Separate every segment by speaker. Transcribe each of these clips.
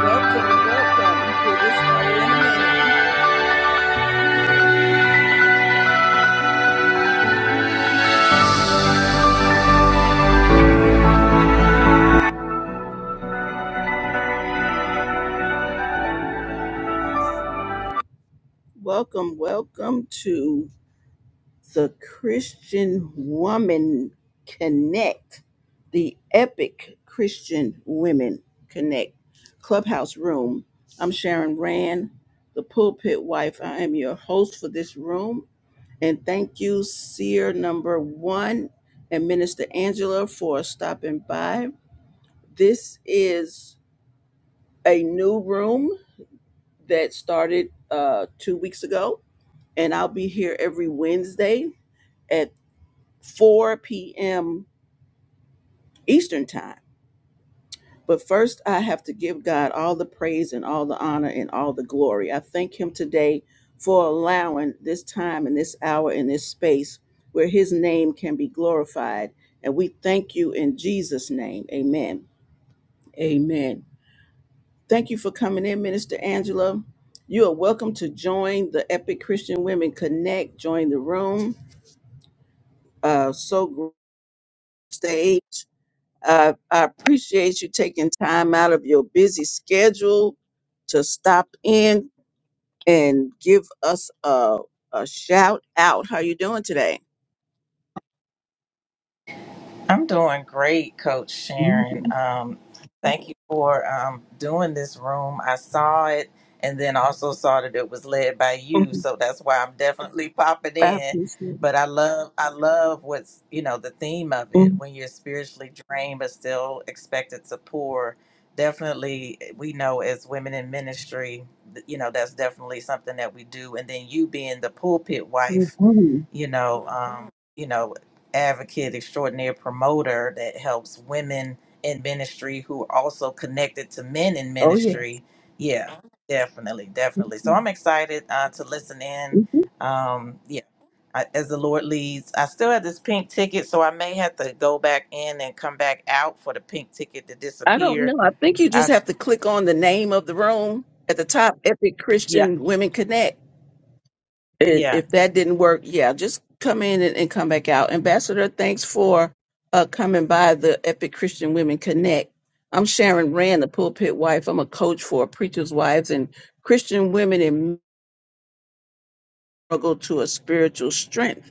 Speaker 1: Welcome, welcome. We'll get in a minute. Welcome, welcome to the Christian Woman Connect, the Epic Christian Women Connect Clubhouse Room. I'm Sharon Rand, the pulpit wife. I am your host for this room. And thank you, Seer number one and Minister Angela, for stopping by. This is a new room that started uh, two weeks ago, and I'll be here every Wednesday at 4 p.m. Eastern Time. But first, I have to give God all the praise and all the honor and all the glory. I thank Him today for allowing this time and this hour and this space where His name can be glorified. And we thank you in Jesus' name. Amen. Amen. Thank you for coming in, Minister Angela. You are welcome to join the Epic Christian Women Connect. Join the room. Uh, so great! stage. Uh, I appreciate you taking time out of your busy schedule to stop in and give us a, a shout out. How you doing today?
Speaker 2: I'm doing great, Coach
Speaker 1: Mhm.
Speaker 2: Sharon. Um, thank you for um, doing this room. I saw it and then also saw that it was led by you,
Speaker 1: Mhm.
Speaker 2: so that's why I'm definitely popping
Speaker 1: I
Speaker 2: in.
Speaker 1: appreciate it.
Speaker 2: But I love, I love what's you know the theme of it.
Speaker 1: Mhm.
Speaker 2: When you're spiritually drained but still expected to pour, definitely eh, we know as women in ministry, you know that's definitely something that we do. And then you being the pulpit wife
Speaker 1: Mhm.
Speaker 2: you know, um, you know, advocate extraordinary promoter that helps women in ministry who are also connected to men in
Speaker 1: Oh yes.
Speaker 2: ministry. Yeah, definitely, definitely. So I'm excited uh, to listen in. Um, yeah, I, as the Lord leads. I still have this pink ticket, so I may have to go back in and come back out for the pink ticket to
Speaker 1: I don't know.
Speaker 2: disappear.
Speaker 1: I think you
Speaker 2: I,
Speaker 1: just have to click on the name of the room at the top, Epic
Speaker 2: yeah,
Speaker 1: Christian Women Connect. And
Speaker 2: yeah.
Speaker 1: if that didn't work, yeah, just come in and, and come back out. Ambassador, thanks for uh, coming by the Epic Christian Women Connect. I'm Sharon Rand, the pulpit wife. I'm a coach for preachers' wives and Christian women in struggle to a spiritual strength.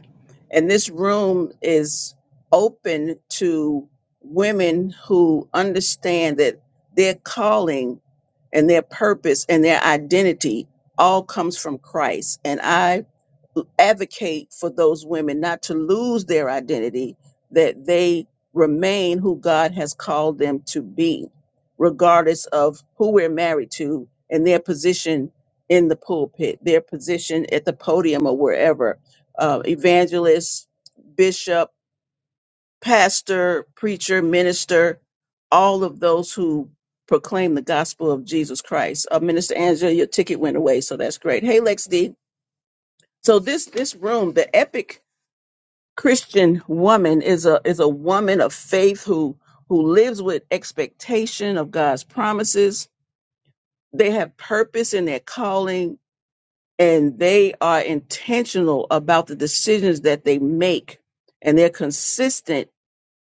Speaker 1: And this room is open to women who understand that their calling and their purpose and their identity all comes from Christ. And I advocate for those women not to lose their identity, that they remain who God has called them to be, regardless of who we're married to and their position in the pulpit, their position at the podium or wherever. Uh, evangelist, bishop, pastor, preacher, minister, all of those who proclaim the gospel of Jesus Christ. Uh, Minister Angela, your ticket went away, so that's great. Hey, Lex D. So this this room, the epic Christian woman is a is a woman of faith who who lives with expectation of God's promises. They have purpose in their calling and they are intentional about the decisions that they make and they're consistent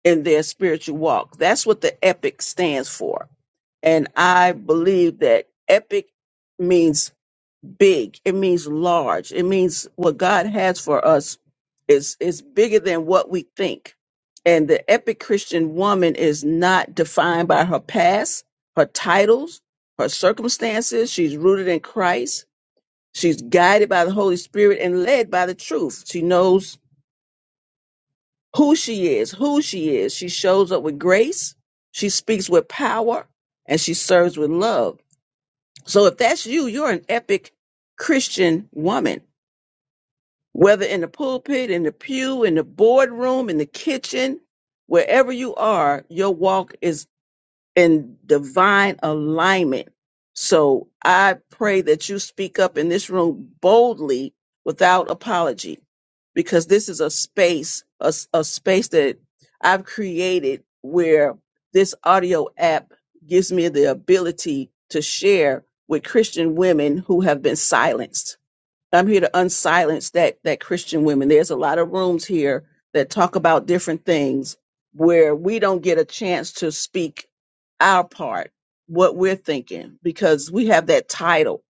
Speaker 1: in their spiritual walk. That's what the epic stands for. And I believe that epic means big it means large it means what god has for us is is bigger than what we think and the epic christian woman is not defined by her past her titles her circumstances she's rooted in christ she's guided by the holy spirit and led by the truth she knows who she is who she is she shows up with grace she speaks with power and she serves with love so if that's you you're an epic christian woman whether in the pulpit, in the pew, in the boardroom, in the kitchen, wherever you are, your walk is in divine alignment. So I pray that you speak up in this room boldly without apology, because this is a space, a, s- a space that I've created where this audio app gives me the ability to share with Christian women who have been silenced. I'm here to unsilence that that Christian women. There's a lot of rooms here that talk about different things where we don't get a chance to speak our part, what we're thinking, because we have that title,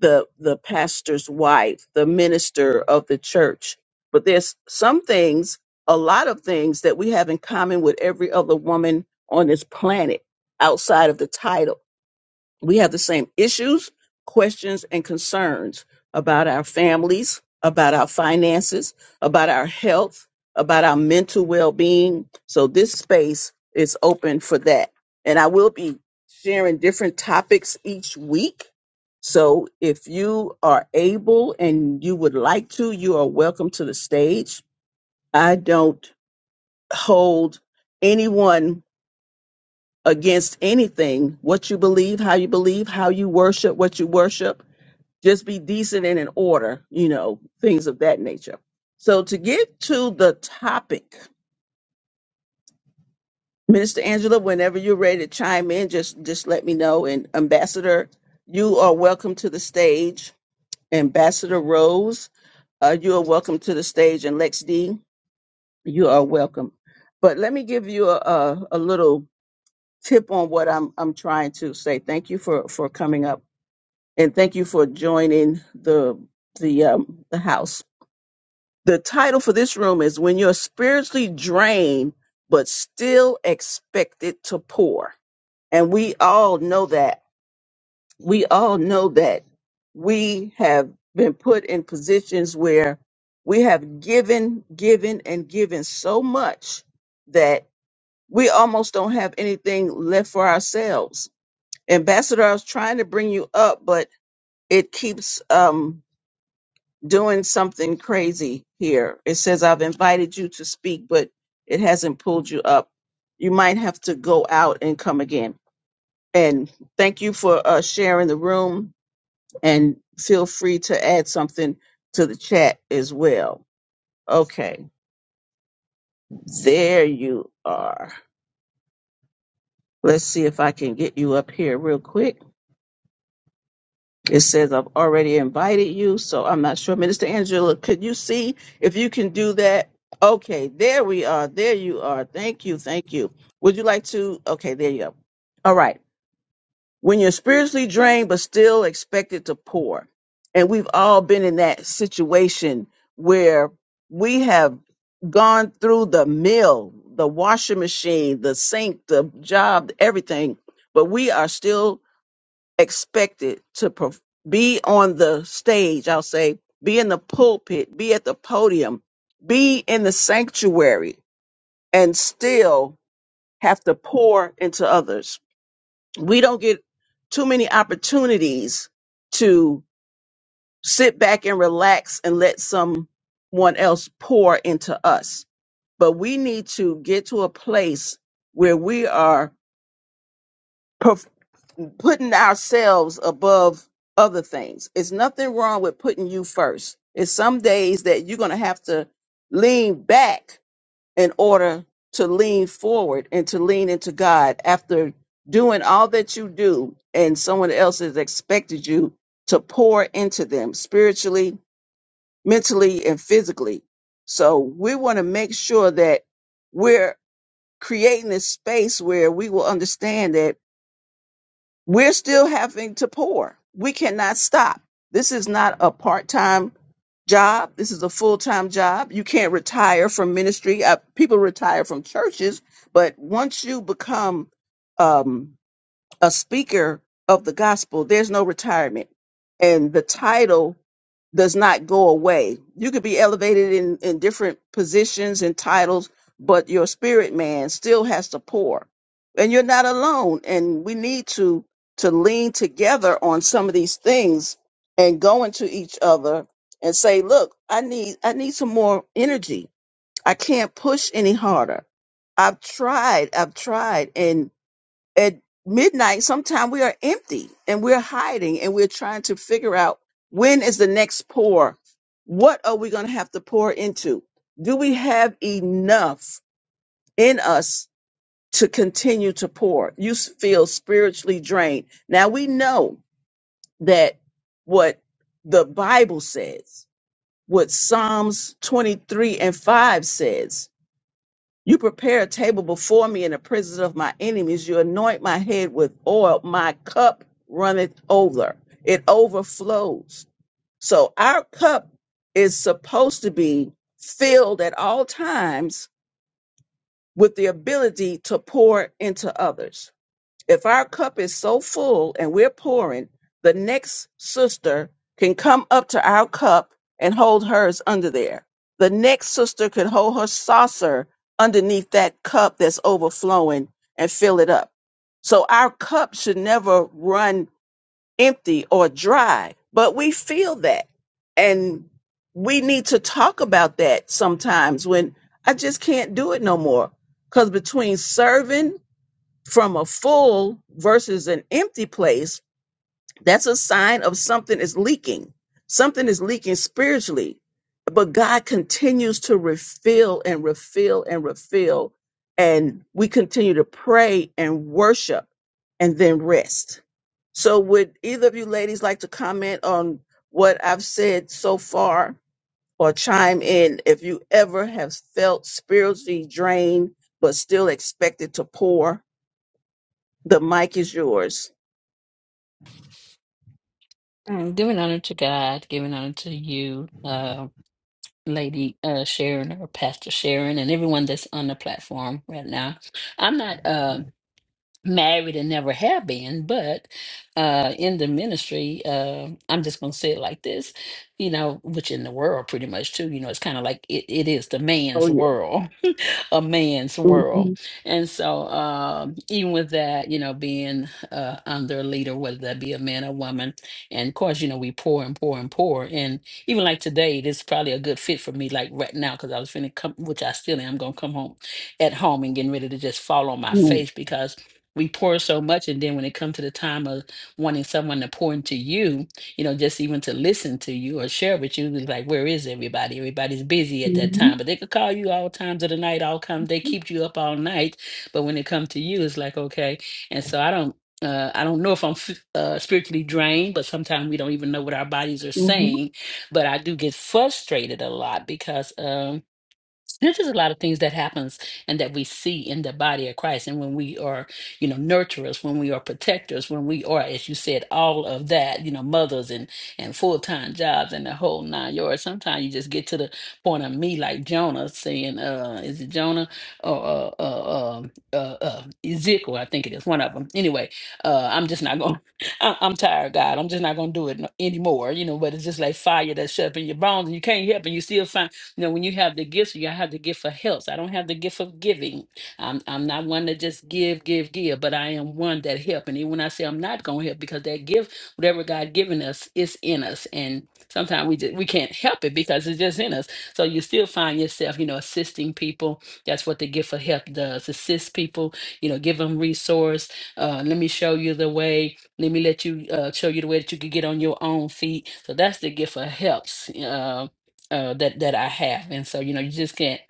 Speaker 1: the the pastor's wife, the minister of the church. But there's some things, a lot of things that we have in common with every other woman on this planet outside of the title we have the same issues, questions, and concerns about our families, about our finances, about our health, about our mental well being. So, this space is open for that. And I will be sharing different topics each week. So, if you are able and you would like to, you are welcome to the stage. I don't hold anyone against anything what you believe how you believe how you worship what you worship just be decent and in order you know things of that nature so to get to the topic minister angela whenever you're ready to chime in just just let me know and ambassador you are welcome to the stage ambassador rose uh, you are welcome to the stage and lex d you are welcome but let me give you a, a, a little tip on what i'm i'm trying to say thank you for for coming up and thank you for joining the the um, the house. The title for this room is "When You're Spiritually Drained But Still Expected to Pour," and we all know that we all know that we have been put in positions where we have given, given, and given so much that we almost don't have anything left for ourselves. Ambassador, I was trying to bring you up, but it keeps um doing something crazy here. It says, I've invited you to speak, but it hasn't pulled you up. You might have to go out and come again. And thank you for uh, sharing the room and feel free to add something to the chat as well. Okay, there you are. Let's see if I can get you up here real quick. It says, I've already invited you, so I'm not sure. Minister Angela, could you see if you can do that? Okay, there we are. There you are. Thank you. Thank you. Would you like to? Okay, there you go. All right. When you're spiritually drained, but still expected to pour. And we've all been in that situation where we have gone through the mill, the washing machine, the sink, the job, everything, but we are still expected to perf- be on the stage, I'll say, be in the pulpit, be at the podium, be in the sanctuary, and still have to pour into others. We don't get too many opportunities to sit back and relax and let someone else pour into us. But we need to get to a place where we are putting ourselves above other things. It's nothing wrong with putting you first. It's some days that you're going to have to lean back in order to lean forward and to lean into God after doing all that you do and someone else has expected you to pour into them spiritually, mentally, and physically. So we want to make sure that we're creating this space where we will understand that we're still having to pour. We cannot stop. This is not a part time job. This is a full time job. You can't retire from ministry. Uh, people retire from churches, but once you become um, a speaker of the gospel, there's no retirement. And the title does not go away. You could be elevated in, in different positions and titles, but your spirit man still has to pour. And you're not alone. And we need to to lean together on some of these things and go into each other and say, look, I need I need some more energy. I can't push any harder. I've tried, I've tried at midnight, sometimes we are empty and we're hiding and we're trying to figure out when is the next pour? What are we going to have to pour into? Do we have enough in us to continue to pour? You s- feel spiritually drained. Now we know that what the Bible says, what Psalms 23 and 5 says, you prepare a table before me in the presence of my enemies. You anoint my head with oil. My cup runneth over. It overflows. So our cup is supposed to be filled at all times with the ability to pour into others. If our cup is so full and we're pouring, the next sister can come up to our cup and hold hers under there. The next sister could hold her saucer underneath that cup that's overflowing and fill it up. So our cup should never run empty or dry, but we feel that. And we need to talk about that sometimes when I just can't do it no more. Because between serving from a full versus an empty place, that's a sign of something is leaking. Something is leaking spiritually. But God continues to refill and refill and refill. And we continue to pray and worship and then rest. So, would either of you ladies like to comment on what I've said so far or chime in if you ever have felt spiritually drained but still expected to pour? The mic is yours.
Speaker 3: Mm, Giving honor to God, giving honor to you, uh, Lady uh, Sharon or Pastor Sharon, and everyone that's on the platform right now. I'm not. uh, married and never have been, but uh, in the ministry, uh, I'm just going to say it like this, you know, which in the world pretty much too, you know, it's kind of like it, it is the man's
Speaker 1: Oh yeah.
Speaker 3: world, a man's world.
Speaker 1: Mhm,
Speaker 3: And so um, even with that, you know, being uh, under a leader, whether that be a man or woman, and of course, you know, we pour and pour and pour. And even like today, this is probably a good fit for me, like right now, because I was finna come, which I still am, going to come home at home and getting ready to just fall on my
Speaker 1: mhm,
Speaker 3: face because we pour so much and then when it comes to the time of wanting someone to pour into you you know just even to listen to you or share with you it's like where is everybody everybody's busy at that
Speaker 1: mhm,
Speaker 3: time but they could call you all times of the night all come they keep you up all night but when it comes to you it's like okay and so i don't uh, I don't know if I'm f- uh, spiritually drained, but sometimes we don't even know what our bodies are
Speaker 1: mhm.
Speaker 3: saying. But I do get frustrated a lot because um, there's just a lot of things that happens and that we see in the body of christ and when we are you know nurturers when we are protectors when we are as you said all of that you know mothers and and full-time jobs and the whole nine yards sometimes you just get to the point of me like jonah saying uh is it jonah or uh uh, uh, um, uh, uh ezekiel i think it is one of them anyway uh i'm just not gonna I- i'm tired god i'm just not gonna do it no- anymore you know but it's just like fire that's up in your bones and you can't help and you still find you know, when you have the gifts, you have the gift for helps. I don't have the gift of giving. I'm I'm not one to just give, give, give, but I am one that help. And even when I say I'm not gonna help, because that gift, whatever God given us, is in us. And sometimes we just we can't help it because it's just in us. So you still find yourself, you know, assisting people. That's what the gift of help does. Assist people, you know, give them resource. Uh, let me show you the way. Let me let you uh, show you the way that you could get on your own feet. So that's the gift of helps. Um, uh, that that I have, and so you know you just can't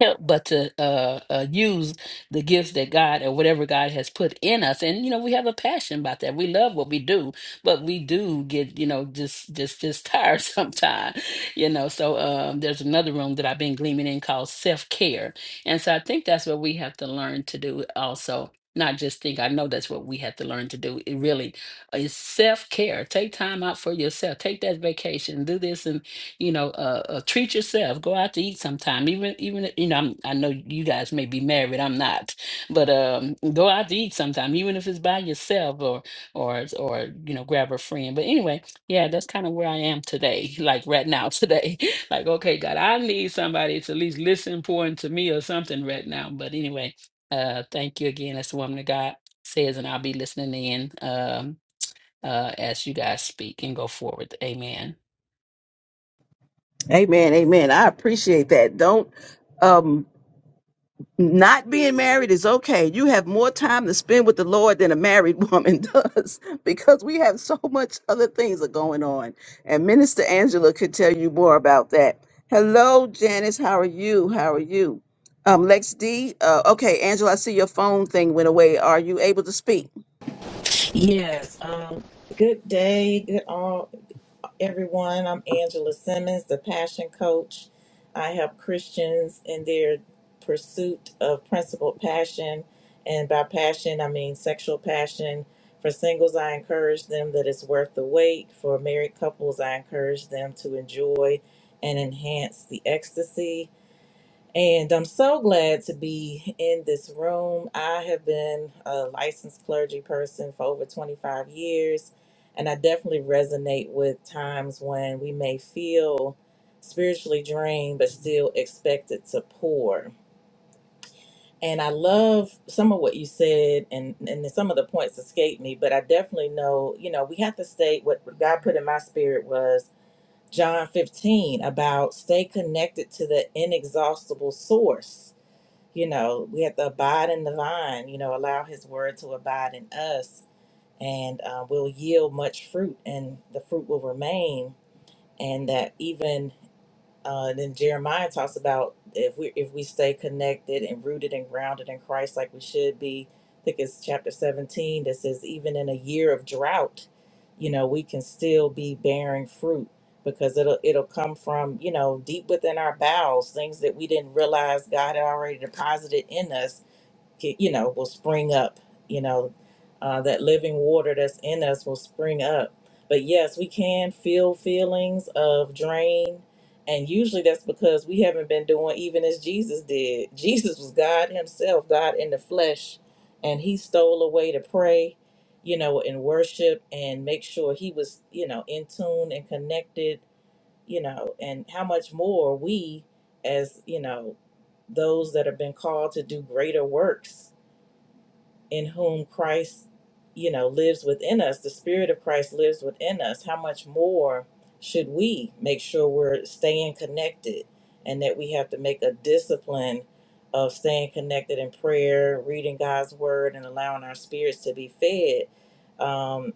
Speaker 3: help but to uh, uh, use the gifts that God or whatever God has put in us, and you know we have a passion about that. We love what we do, but we do get you know just just just tired sometimes, you know. So um, there's another room that I've been gleaming in called self care, and so I think that's what we have to learn to do also. Not just think. I know that's what we have to learn to do. It really is self care. Take time out for yourself. Take that vacation. Do this and you know, uh, uh, treat yourself. Go out to eat sometime. Even, even if- you know, I'm, I know you guys may be married. I'm not, but um, go out to eat sometime, even if it's by yourself or or or you know, grab a friend. But anyway, yeah, that's kind of where I am today. Like right now, today, like okay, God, I need somebody to at least listen pour into me or something right now. But anyway, uh, thank you again. That's the woman of God says, and I'll be listening in um uh as you guys speak and go forward. Amen.
Speaker 1: Amen. Amen. I appreciate that. Don't um not being married is okay. You have more time to spend with the Lord than a married woman does because we have so much other things are going on. And Minister Angela could tell you more about that. Hello, Janice. How are you? How are you? Um, Lex D. Uh, okay, Angela, I see your phone thing went away. Are you able to speak?
Speaker 2: Yes. Um, good day. Good all everyone. I'm Angela Simmons, the passion coach. I help Christians in their pursuit of principled passion, and by passion I mean sexual passion. For singles, I encourage them that it's worth the wait. For married couples, I encourage them to enjoy and enhance the ecstasy. And I'm so glad to be in this room. I have been a licensed clergy person for over 25 years, and I definitely resonate with times when we may feel spiritually drained but still expected to pour. And I love some of what you said, and, and some of the points escaped me, but I definitely know, you know, we have to stay. What God put in my spirit was John 15 about stay connected to the inexhaustible source you know, we have to abide in the vine, you know, allow his word to abide in us, and uh, we'll yield much fruit, and the fruit will remain. And that even uh, then Jeremiah talks about if we if we stay connected and rooted and grounded in Christ like we should be. I think it's chapter 17 that says even in a year of drought, you know, we can still be bearing fruit because it'll it'll come from, you know, deep within our bowels, things that we didn't realize God had already deposited in us you know will spring up you know uh, that living water that's in us will spring up but yes we can feel feelings of drain and usually that's because we haven't been doing even as jesus did jesus was god himself god in the flesh and he stole away to pray you know and worship and make sure he was you know in tune and connected you know and how much more we as you know those that have been called to do greater works in whom Christ, you know, lives within us, the Spirit of Christ lives within us, how much more should we make sure we're staying connected and that we have to make a discipline of staying connected in prayer, reading God's word, and allowing our spirits to be fed, um,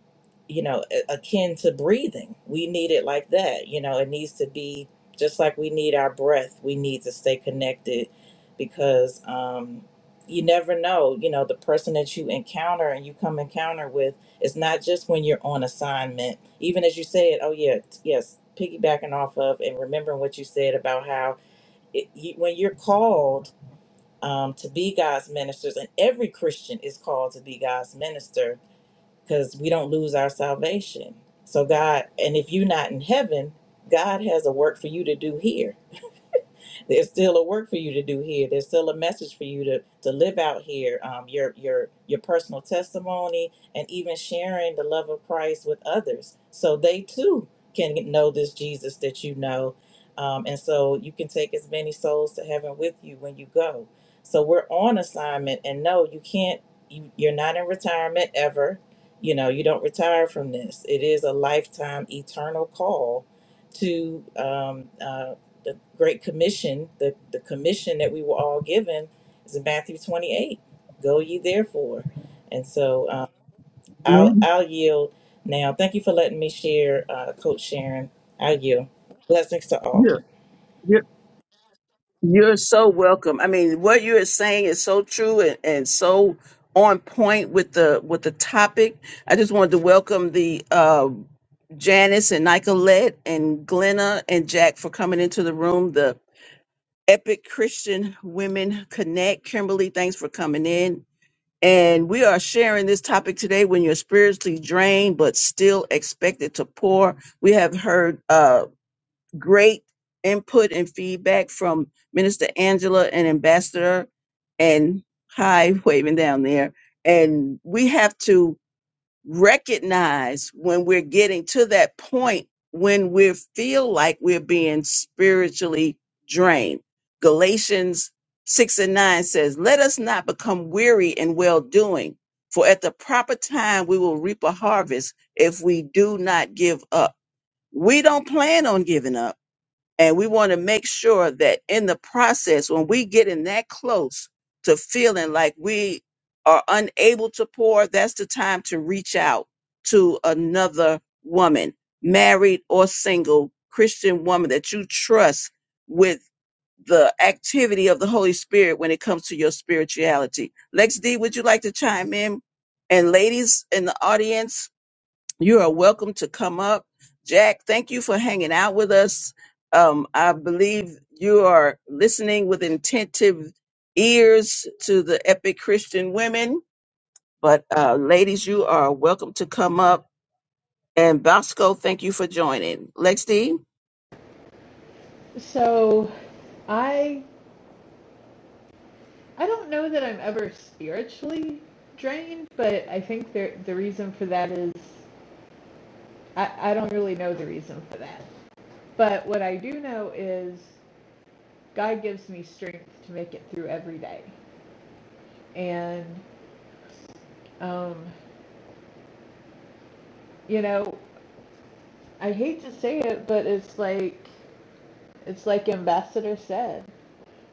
Speaker 2: you know, a- akin to breathing. We need it like that. You know, it needs to be just like we need our breath, we need to stay connected because. um, you never know you know the person that you encounter and you come encounter with it's not just when you're on assignment even as you said oh yeah t- yes piggybacking off of and remembering what you said about how it, you, when you're called um, to be god's ministers and every christian is called to be god's minister because we don't lose our salvation so god and if you're not in heaven god has a work for you to do here there's still a work for you to do here. There's still a message for you to to live out here. Um, your your your personal testimony and even sharing the love of Christ with others, so they too can know this Jesus that you know. Um, and so you can take as many souls to heaven with you when you go. So we're on assignment, and no, you can't. You, you're not in retirement ever. You know, you don't retire from this. It is a lifetime, eternal call to um, uh, the great commission the, the commission that we were all given is in matthew 28 go ye therefore and so um, i'll
Speaker 1: Man,
Speaker 2: i'll yield now thank you for letting me share uh, coach sharon i'll yield blessings to all
Speaker 1: yeah, yeah. You're so welcome. I mean, what you are saying is so true and, and so on point with the with the topic. I just wanted to welcome the uh, Janice and Nicolette and Glenna and Jack for coming into the room. The Epic Christian Women Connect. Kimberly, thanks for coming in. And we are sharing this topic today when you're spiritually drained but still expected to pour. We have heard uh, great input and feedback from Minister Angela and Ambassador and hi waving down there. And we have to recognize when we're getting to that point when we feel like we're being spiritually drained. Galatians 6 and 9 says, Let us not become weary in well doing, for at the proper time we will reap a harvest if we do not give up. We don't plan on giving up and we want to make sure that in the process, when we get in that close to feeling like we are unable to pour, that's the time to reach out to another woman, married or single, Christian woman that you trust with the activity of the Holy Spirit when it comes to your spirituality. Lex D, would you like to chime in? And ladies in the audience, you are welcome to come up. Jack, thank you for hanging out with us. Um, I believe you are listening with attentive ears to the epic Christian women. But uh, ladies, you are welcome to come up. And Bosco, thank you for joining. Lex D.
Speaker 4: So I I don't know that I'm ever spiritually drained, but I think there, the reason for that is I, I don't really know the reason for that. But what I do know is God gives me strength to make it through every day. And um, you know, I hate to say it, but it's like it's like Ambassador said.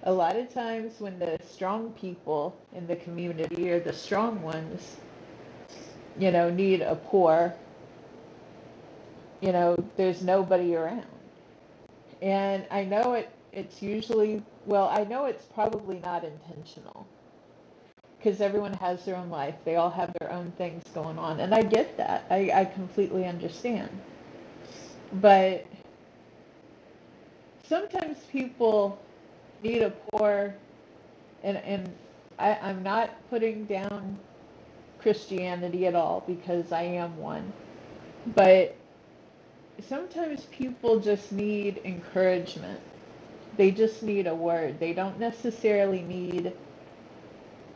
Speaker 4: A lot of times when the strong people in the community or the strong ones, you know, need a pour you know, there's nobody around. And I know it it's usually well, I know it's probably not intentional because everyone has their own life. They all have their own things going on. And I get that. I, I completely understand. But sometimes people need a pour and and I, I'm not putting down Christianity at all because I am one. But sometimes people just need encouragement They just need a word. They don't necessarily need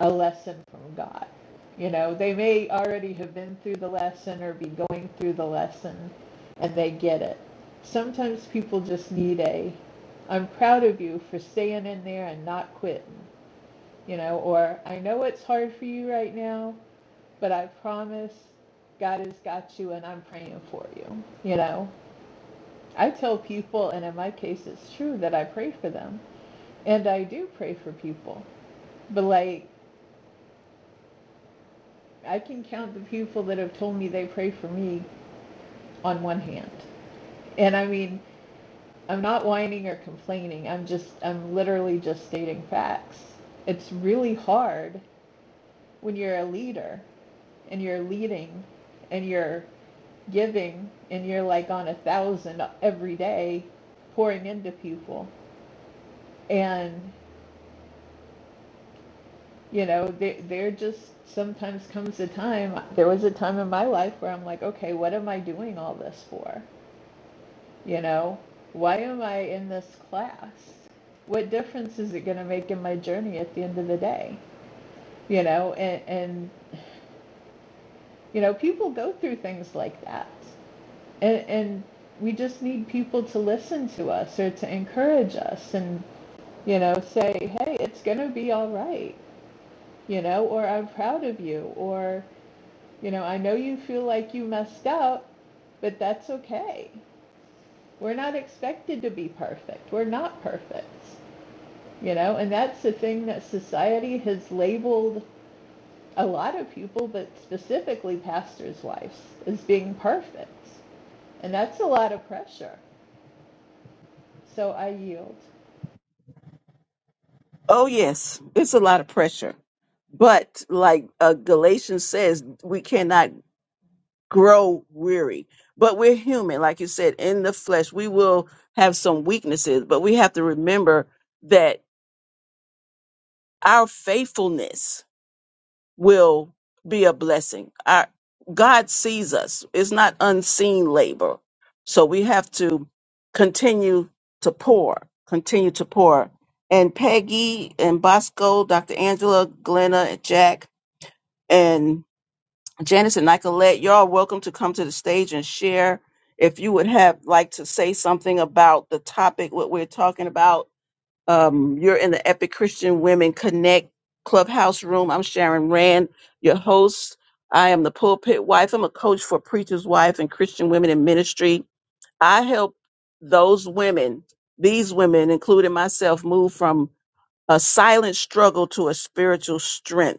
Speaker 4: a lesson from God. You know, they may already have been through the lesson or be going through the lesson and they get it. Sometimes people just need a, I'm proud of you for staying in there and not quitting, you know, or I know it's hard for you right now, but I promise God has got you and I'm praying for you, you know. I tell people, and in my case, it's true that I pray for them and I do pray for people. But like I can count the people that have told me they pray for me on one hand. And I mean, I'm not whining or complaining. I'm just I'm literally just stating facts. It's really hard when you're a leader and you're leading and you're giving and you're like on a thousand every day pouring into people and you know, there there just sometimes comes a time. There was a time in my life where I'm like, okay, what am I doing all this for? You know, why am I in this class? What difference is it going to make in my journey at the end of the day? You know, and and you know, people go through things like that, and and we just need people to listen to us or to encourage us and you know say hey it's going to be all right you know or i'm proud of you or. You know, I know you feel like you messed up, but that's okay. We're not expected to be perfect. We're not perfect. You know, and that's the thing that society has labeled a lot of people, but specifically pastors' wives, as being perfect. And that's a lot of pressure. So I yield.
Speaker 1: Oh, yes, it's a lot of pressure. But like uh, Galatians says, we cannot grow weary. But we're human, like you said, in the flesh. We will have some weaknesses, but we have to remember that our faithfulness will be a blessing. Our, God sees us. It's not unseen labor. So we have to continue to pour, continue to pour. And Peggy and Bosco, Dr. Angela, Glenna, Jack, and Janice and Nicolette, y'all are welcome to come to the stage and share. If you would have like to say something about the topic, what we're talking about, um, you're in the Epic Christian Women Connect Clubhouse Room. I'm Sharon Rand, your host. I am the pulpit wife. I'm a coach for Preacher's Wife and Christian Women in Ministry. I help those women, these women, including myself, move from a silent struggle to a spiritual strength.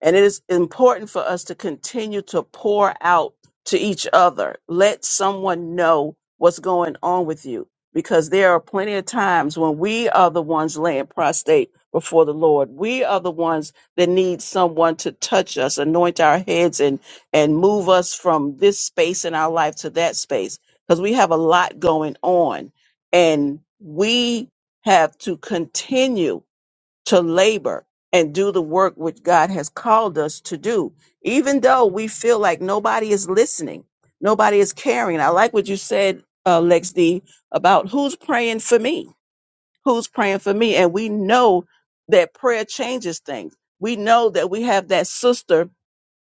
Speaker 1: And it is important for us to continue to pour out to each other. Let someone know what's going on with you because there are plenty of times when we are the ones laying prostrate before the Lord. We are the ones that need someone to touch us, anoint our heads and and move us from this space in our life to that space because we have a lot going on and we have to continue to labor and do the work which God has called us to do, even though we feel like nobody is listening, nobody is caring. I like what you said, uh, Lex D, about who's praying for me, who's praying for me, and we know that prayer changes things. We know that we have that sister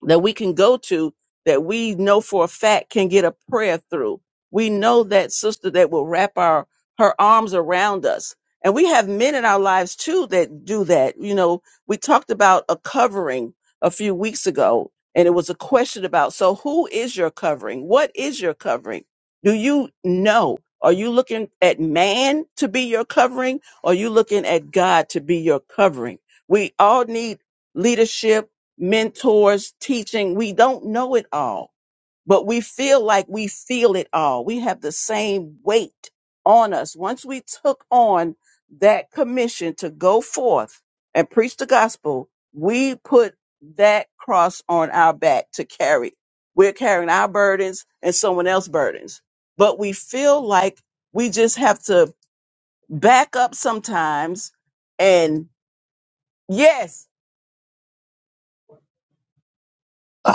Speaker 1: that we can go to that we know for a fact can get a prayer through. We know that sister that will wrap our her arms around us. And we have men in our lives too that do that. You know, we talked about a covering a few weeks ago and it was a question about so who is your covering? What is your covering? Do you know? Are you looking at man to be your covering? Or are you looking at God to be your covering? We all need leadership mentors, teaching. We don't know it all, but we feel like we feel it all. We have the same weight on us. Once we took on that commission to go forth and preach the gospel, we put that cross on our back to carry. We're carrying our burdens and someone else's burdens, but we feel like we just have to back up sometimes and yes,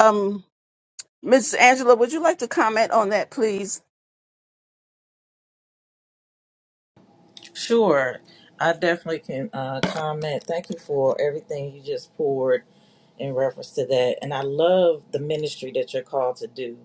Speaker 1: um. Miss Angela, would you like to comment on that, please?
Speaker 2: sure i definitely can uh, comment thank you for everything you just poured in reference to that and i love the ministry that you're called to do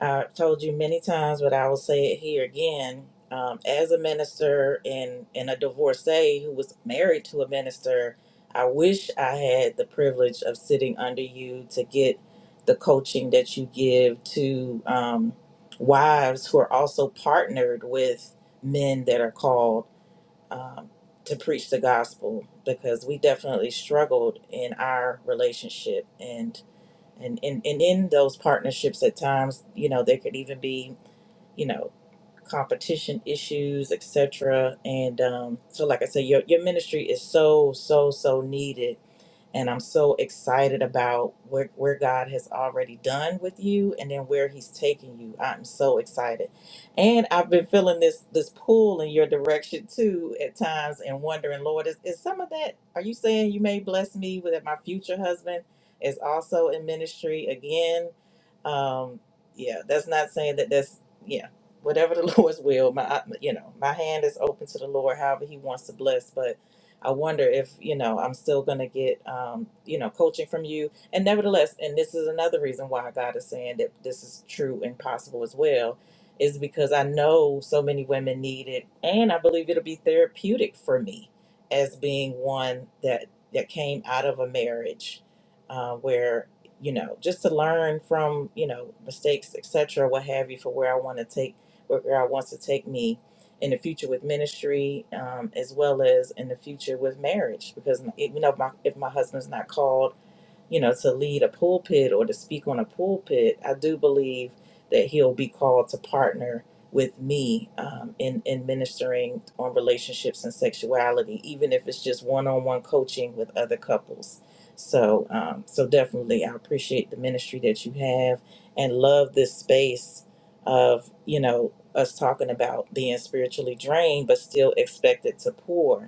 Speaker 2: I've told you many times, but I will say it here again. Um, as a minister and, and a divorcee who was married to a minister, I wish I had the privilege of sitting under you to get the coaching that you give to um, wives who are also partnered with men that are called um, to preach the gospel because we definitely struggled in our relationship. And and in and, and in those partnerships at times you know there could even be you know competition issues etc and um, so like i said your, your ministry is so so so needed and I'm so excited about where, where God has already done with you and then where he's taking you. I'm so excited. And I've been feeling this this pull in your direction too at times and wondering, Lord, is, is some of that are you saying you may bless me with that my future husband is also in ministry again? Um yeah, that's not saying that that's yeah, whatever the Lord's will, my you know, my hand is open to the Lord however he wants to bless, but I wonder if you know I'm still going to get um, you know coaching from you. And nevertheless, and this is another reason why God is saying that this is true and possible as well, is because I know so many women need it, and I believe it'll be therapeutic for me as being one that that came out of a marriage uh, where you know just to learn from you know mistakes, etc., what have you, for where I want to take where God wants to take me in the future with ministry, um, as well as in the future with marriage. Because you know, if my, if my husband's not called you know, to lead a pulpit or to speak on a pulpit, I do believe that he'll be called to partner with me um, in in ministering on relationships and sexuality, even if it's just one-on-one coaching with other couples. So, um, so definitely, I appreciate the ministry that you have and love this space of you know us talking about being spiritually drained but still expected to pour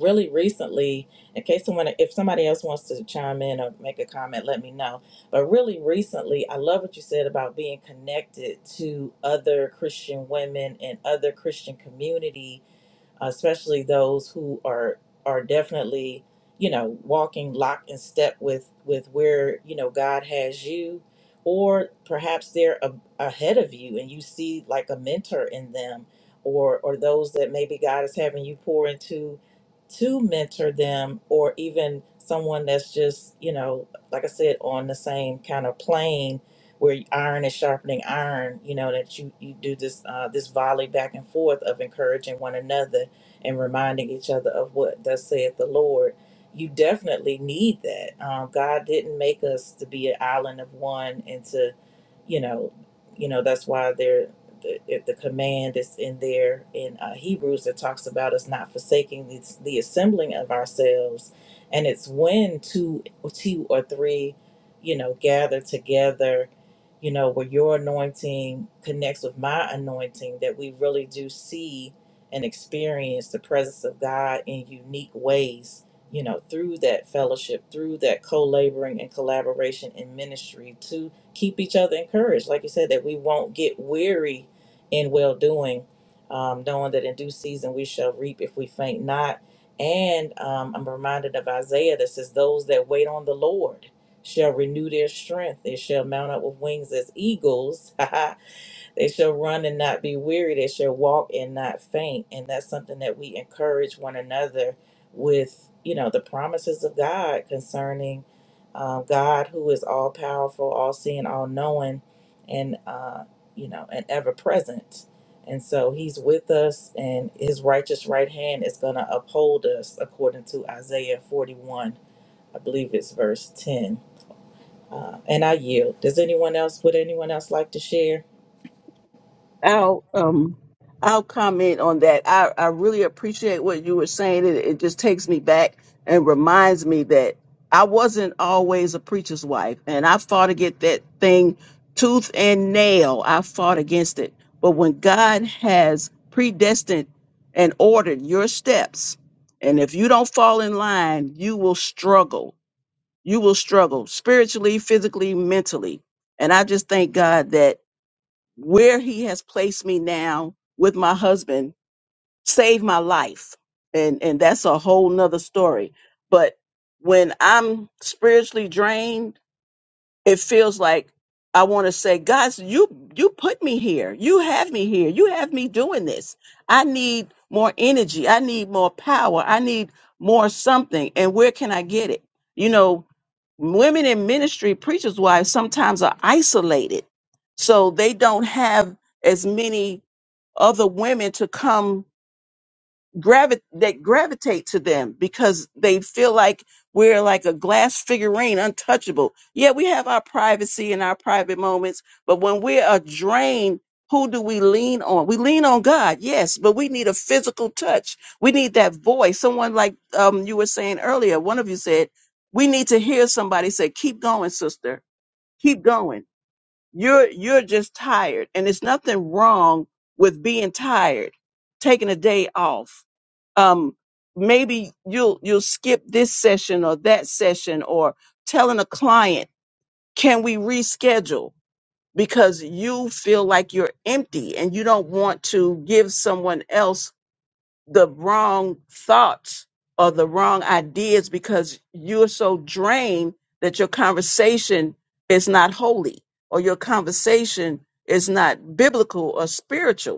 Speaker 2: really recently, in case someone, if somebody else wants to chime in or make a comment, let me know. But really recently, I love what you said about being connected to other Christian women and other Christian community especially those who are are definitely you know walking lock and step with with where you know god has you or perhaps they're a, ahead of you and you see like a mentor in them or or those that maybe god is having you pour into to mentor them or even someone that's just you know like i said on the same kind of plane where iron is sharpening iron you know that you you do this uh, this volley back and forth of encouraging one another and reminding each other of what thus saith the Lord. You definitely need that. Um, God didn't make us to be an island of one and to, you know, you know that's why there the, the command is in there in uh, Hebrews that talks about us not forsaking the, the assembling of ourselves, and it's when two two or three, you know, gather together you know, where your anointing connects with my anointing, that we really do see and experience the presence of God in unique ways, you know, through that fellowship, through that co laboring and collaboration in ministry to keep each other encouraged. Like you said, that we won't get weary in well doing, um, knowing that in due season we shall reap if we faint not. And um, I'm reminded of Isaiah that says, Those that wait on the Lord shall renew their strength, they shall mount up with wings as eagles. They shall run and not be weary. They shall walk and not faint. And that's something that we encourage one another with, you know, the promises of God concerning um, God, who is all powerful, all seeing, all knowing, and, uh, you know, and ever present. And so he's with us, and his righteous right hand is going to uphold us, according to Isaiah 41. I believe it's verse 10. Uh, and I yield. Does anyone else, would anyone else like to share?
Speaker 1: I'll um I'll comment on that. I, I really appreciate what you were saying. It, it just takes me back and reminds me that I wasn't always a preacher's wife, and I fought against that thing tooth and nail. I fought against it. But when God has predestined and ordered your steps, and if you don't fall in line, you will struggle you will struggle spiritually, physically, mentally. And I just thank God that where he has placed me now with my husband saved my life. And and that's a whole nother story. But when I'm spiritually drained, it feels like I want to say, God, you you put me here. You have me here. You have me doing this. I need more energy. I need more power. I need more something. And where can I get it? You know, women in ministry, preachers' wives, sometimes are isolated, so they don't have as many other women to come gravi- that gravitate to them because they feel like we're like a glass figurine, untouchable. Yeah, we have our privacy and our private moments, but when we are drained, who do we lean on? We lean on God, yes, but we need a physical touch. We need that voice. Someone like um, you were saying earlier, one of you said, we need to hear somebody say, keep going, sister, keep going you're you're just tired, and it's nothing wrong with being tired, taking a day off. Um, maybe you'll you'll skip this session or that session, or telling a client, "Can we reschedule?" Because you feel like you're empty and you don't want to give someone else the wrong thoughts or the wrong ideas because you're so drained that your conversation is not holy or your conversation is not biblical or spiritual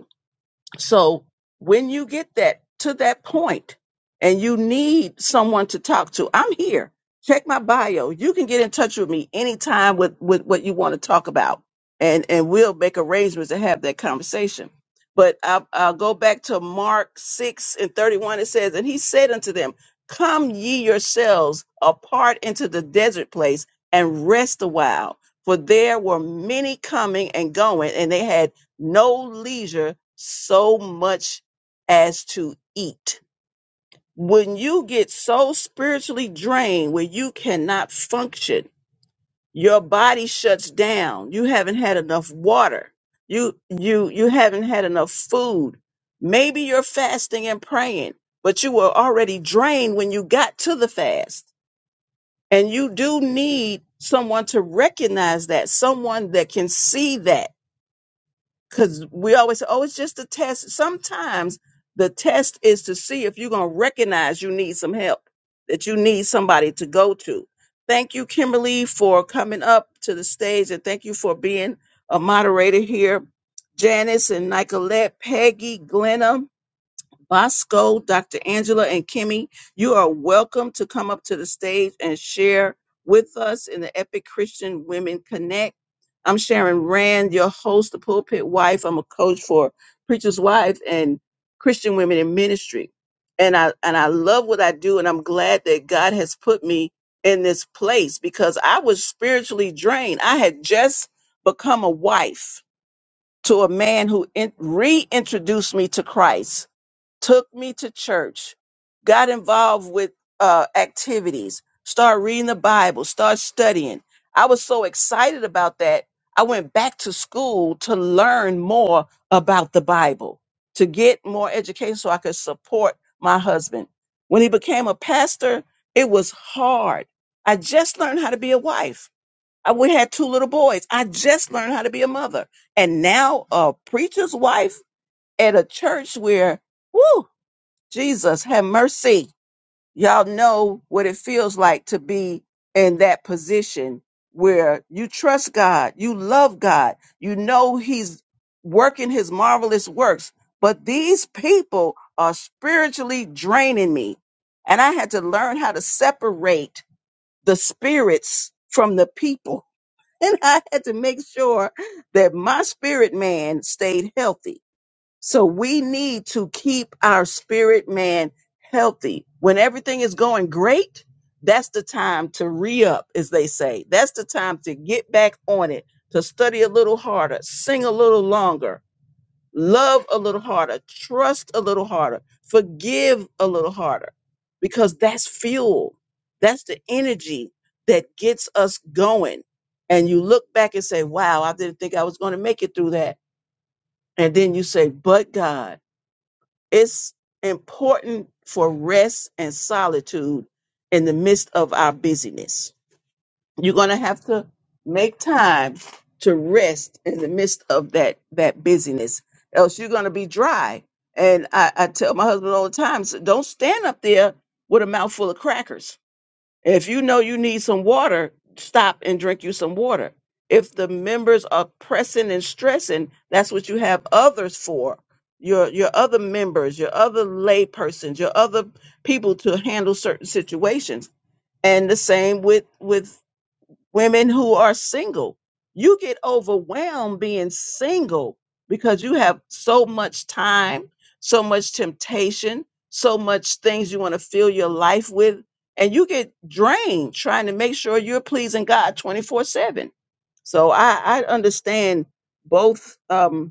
Speaker 1: so when you get that to that point and you need someone to talk to, I'm here. Check my bio. You can get in touch with me anytime with, with what you want to talk about. And and we'll make arrangements to have that conversation. But I'll, I'll go back to Mark 6 and 31. It says, And he said unto them, Come ye yourselves apart into the desert place and rest a while. For there were many coming and going, and they had no leisure so much as to eat. When you get so spiritually drained where you cannot function, your body shuts down. You haven't had enough water. You you you haven't had enough food. Maybe you're fasting and praying, but you were already drained when you got to the fast. And you do need someone to recognize that, someone that can see that because we always say, oh, it's just a test. Sometimes the test is to see if you're going to recognize you need some help, that you need somebody to go to. Thank you, Kimberly, for coming up to the stage and thank you for being a moderator here. Janice and Nicolette, Peggy, Glenna, Bosco, Dr. Angela, and Kimmy, you are welcome to come up to the stage and share with us in the Epic Christian Women Connect. I'm Sharon Rand, your host, the pulpit wife. I'm a coach for Preacher's Wife and Christian Women in Ministry. And I and I love what I do, and I'm glad that God has put me in this place because I was spiritually drained. I had just become a wife to a man who in, reintroduced me to Christ took me to church, got involved with uh, activities, started reading the Bible, started studying. I was so excited about that. I went back to school to learn more about the Bible, to get more education so I could support my husband. When he became a pastor, it was hard. I just learned how to be a wife. I we had two little boys. I just learned how to be a mother. And now a preacher's wife at a church where, whoo, Jesus, have mercy. Y'all know what it feels like to be in that position where you trust God, you love God, you know He's working His marvelous works, but these people are spiritually draining me. And I had to learn how to separate the spirits from the people. And I had to make sure that my spirit man stayed healthy so we need to keep our spirit man healthy. When everything is going great, that's the time to re up, as they say. That's the time to get back on it, to study a little harder, sing a little longer, love a little harder, trust a little harder, forgive a little harder, because that's fuel. That's the energy that gets us going. And you look back and say, wow, I didn't think I was going to make it through that. And then you say, but God. It's important for rest and solitude in the midst of our busyness. You're going to have to make time to rest in the midst of that that busyness, else you're going to be dry. And I, I tell my husband all the time, so don't stand up there with a mouthful of crackers and if you know you need some water, stop and drink you some water. If the members are pressing and stressing, that's what you have others for. Your your other members, your other lay persons, your other people to handle certain situations. And the same with with women who are single. You get overwhelmed being single because you have so much time, so much temptation, so much things you want to fill your life with. And you get drained trying to make sure you're pleasing God 24 7. So I, I understand both. Um,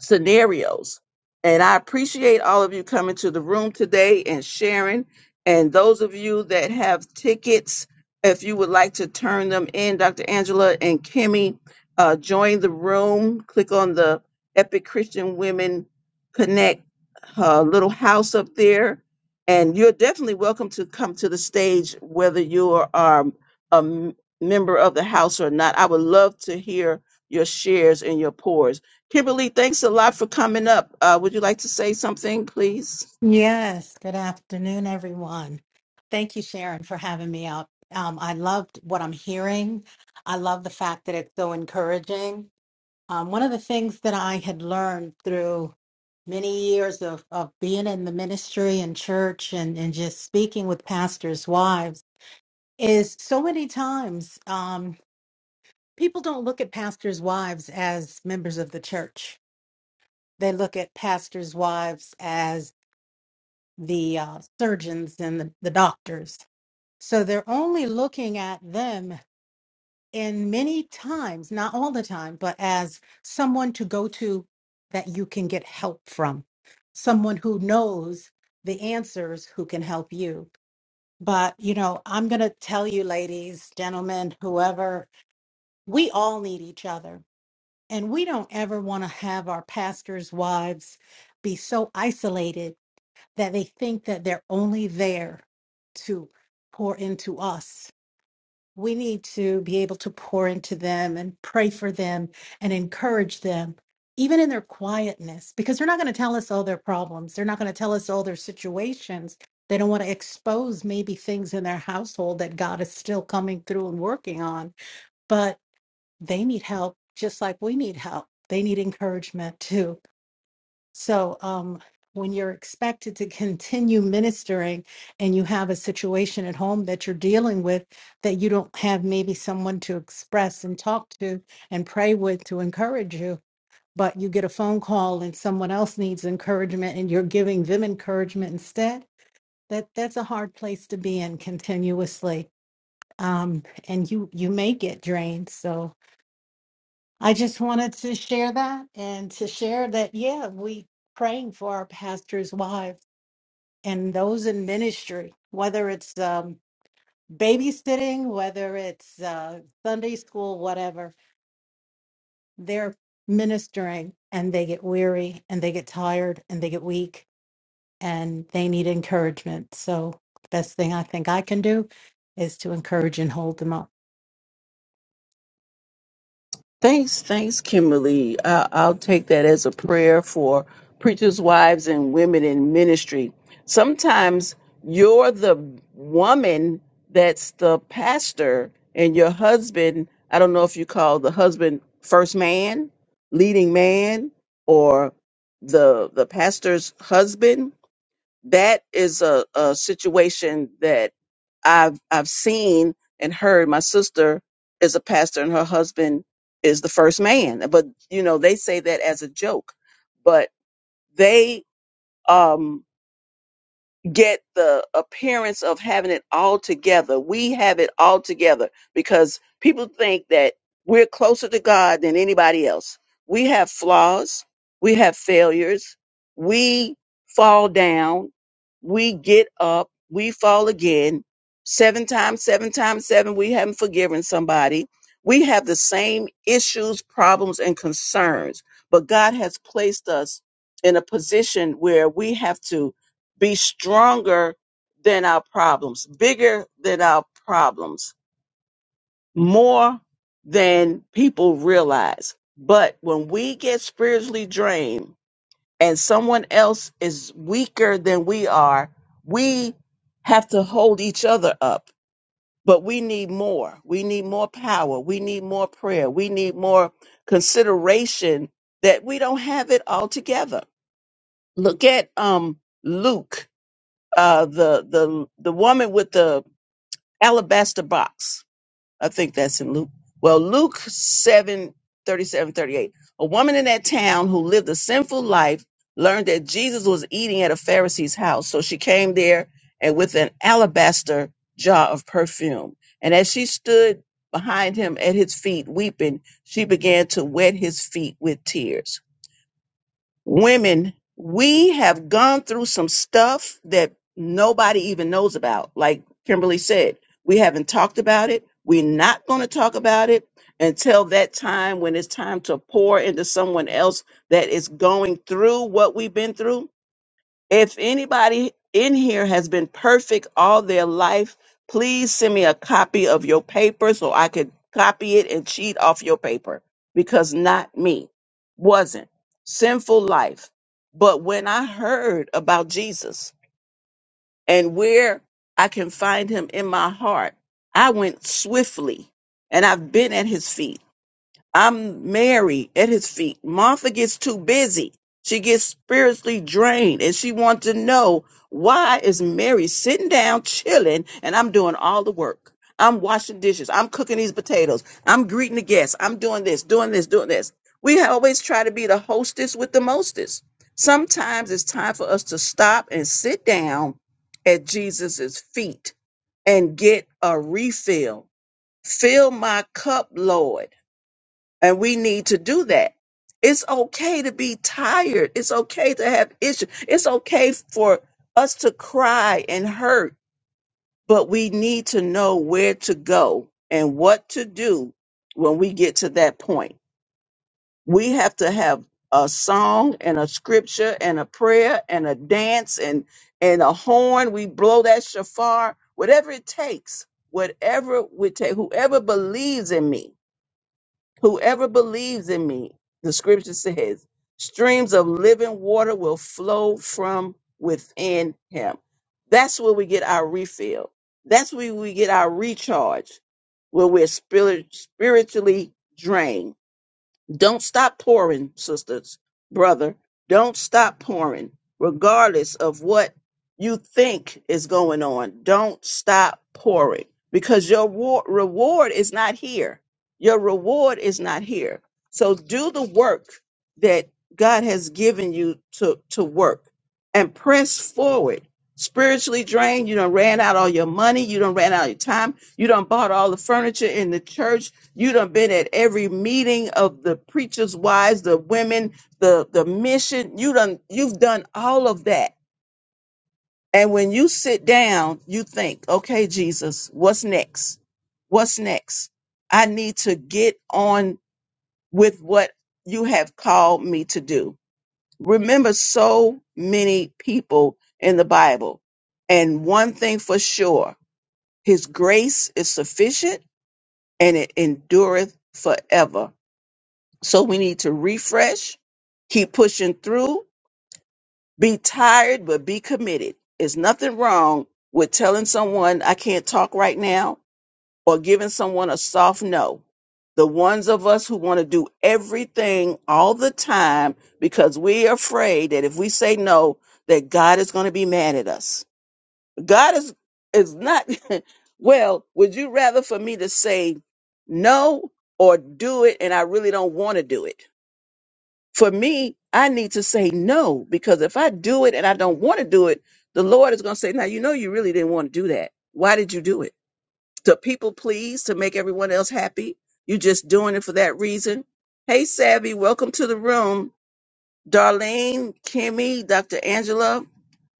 Speaker 1: scenarios. And I appreciate all of you coming to the room today and sharing. And those of you that have tickets, if you would like to turn them in, Dr. Angela and Kimmy, uh, join the room. Click on the Epic Christian Women Connect uh, little house up there. And you're definitely welcome to come to the stage, whether you are um, a m- member of the house or not. I would love to hear your shares and your pours. Kimberly, thanks a lot for coming up. Uh, would you like to say something, please?
Speaker 5: Yes, good afternoon, everyone. Thank you, Sharon, for having me out. Um, I loved what I'm hearing. I love the fact that it's so encouraging. Um, one of the things that I had learned through many years of, of being in the ministry and church and, and just speaking with pastors' wives is so many times um, people don't look at pastors' wives as members of the church. They look at pastors' wives as the uh, surgeons and the, the doctors. So they're only looking at them in many times, not all the time, but as someone to go to that you can get help from, someone who knows the answers who can help you. But, you know, I'm going to tell you, ladies, gentlemen, whoever, we all need each other. And we don't ever want to have our pastors' wives be so isolated that they think that they're only there to pour into us. We need to be able to pour into them and pray for them and encourage them, even in their quietness, because they're not going to tell us all their problems. They're not going to tell us all their situations. They don't want to expose maybe things in their household that God is still coming through and working on, but they need help just like we need help. They need encouragement too so, um, when you're expected to continue ministering and you have a situation at home that you're dealing with that you don't have maybe someone to express and talk to and pray with to encourage you, but you get a phone call and someone else needs encouragement and you're giving them encouragement instead, that that's a hard place to be in continuously. Um, and you you may get drained. So I just wanted to share that and to share that, yeah, we praying for our pastors' wives and those in ministry, whether it's um, babysitting, whether it's uh, Sunday school, whatever, they're ministering and they get weary and they get tired and they get weak and they need encouragement. So, the best thing I think I can do is to encourage and hold them up.
Speaker 1: Thanks, thanks, Kimberly. I- I'll take that as a prayer for preachers' wives and women in ministry. Sometimes you're the woman that's the pastor, and your husband, I don't know if you call the husband first man, leading man, or the the pastor's husband that is a, a situation that I've I've seen and heard. My sister is a pastor, and her husband is the first man. But you know, they say that as a joke, but they um, get the appearance of having it all together. We have it all together because people think that we're closer to God than anybody else. We have flaws, we have failures, we fall down, we get up, we fall again. Seven times, seven times seven, we haven't forgiven somebody. We have the same issues, problems, and concerns, but God has placed us in a position where we have to be stronger than our problems, bigger than our problems, more than people realize. But when we get spiritually drained and someone else is weaker than we are, we have to hold each other up. But we need more. We need more power. We need more prayer. We need more consideration that we don't have it all together. Look at um, Luke uh, the the the woman with the alabaster box. I think that's in Luke. Well, Luke 7 37 38. A woman in that town who lived a sinful life learned that Jesus was eating at a Pharisee's house. So she came there and with an alabaster jar of perfume. And as she stood behind him at his feet weeping, she began to wet his feet with tears women, we have gone through some stuff that nobody even knows about. Like Kimberly said, we haven't talked about it. We're not going to talk about it until that time when it's time to pour into someone else that is going through what we've been through. If anybody in here has been perfect all their life, please send me a copy of your paper so I could copy it and cheat off your paper because not me. Wasn't. Sinful life. But when I heard about Jesus and where I can find him in my heart, I went swiftly and I've been at his feet. I'm Mary at his feet. Martha gets too busy. She gets spiritually drained and she wants to know why is Mary sitting down chilling and I'm doing all the work. I'm washing dishes. I'm cooking these potatoes. I'm greeting the guests. I'm doing this, doing this, doing this. We always try to be the hostess with the mostest. Sometimes it's time for us to stop and sit down at Jesus's feet and get a refill. Fill my cup, Lord and we need to do that. It's okay to be tired. It's okay to have issues. It's okay for us to cry and hurt, but we need to know where to go and what to do when we get to that point. We have to have a song and a scripture and a prayer and a dance and and a horn. We blow that shafar, whatever it takes, whatever we take, whoever believes in me Whoever believes in me, the scripture says, streams of living water will flow from within him. That's where we get our refill. That's where we get our recharge, where we're spirit, spiritually drained don't stop pouring, sisters, brother. Don't stop pouring, regardless of what you think is going on. Don't stop pouring because your wa- reward is not here. Your reward is not here. So do the work that God has given you to, to work and press forward. Spiritually drained, you done ran out all your money, you done ran out your time, you done bought all the furniture in the church, you done been at every meeting of the preachers' wives, the women, the the mission. You done you've done all of that. And when you sit down, you think, okay, Jesus, what's next? What's next? I need to get on with what you have called me to do. Remember so many people in the Bible. And one thing for sure, his grace is sufficient and it endureth forever So we need to refresh, keep pushing through, be tired, but be committed. It's nothing wrong with telling someone I can't talk right now or giving someone a soft no. The ones of us who want to do everything all the time because we're afraid that if we say no, that God is going to be mad at us. God is is not well, would you rather for me to say no or do it and I really don't want to do it? For me, I need to say no because if I do it and I don't want to do it, the Lord is going to say, "Now you know you really didn't want to do that. Why did you do it? To people please, to make everyone else happy. you are just doing it for that reason." Hey, Savvy, welcome to the room. Darlene, Kimmy, Dr. Angela,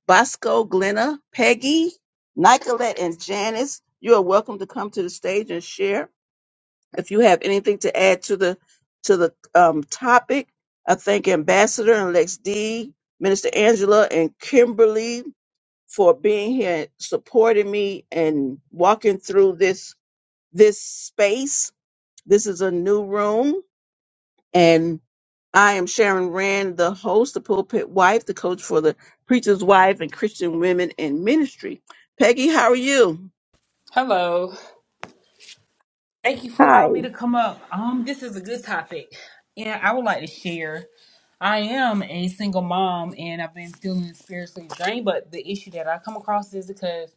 Speaker 1: Bosco, Glenna, Peggy, Nicolette, and Janice, you are welcome to come to the stage and share. If you have anything to add to the to the um, topic, I thank Ambassador and Lex D, Minister Angela, and Kimberly for being here, supporting me, and walking through this this space. This is a new room, and I am Sharon Rand, the host, the pulpit wife, the coach for the preacher's wife, and Christian women in ministry. Peggy, how are you?
Speaker 6: Hello. Thank you for
Speaker 1: Hi.
Speaker 6: allowing me to come up. Um, this is a good topic. And I would like to share. I am a single mom and I've been feeling spiritually drained, but the issue that I come across is because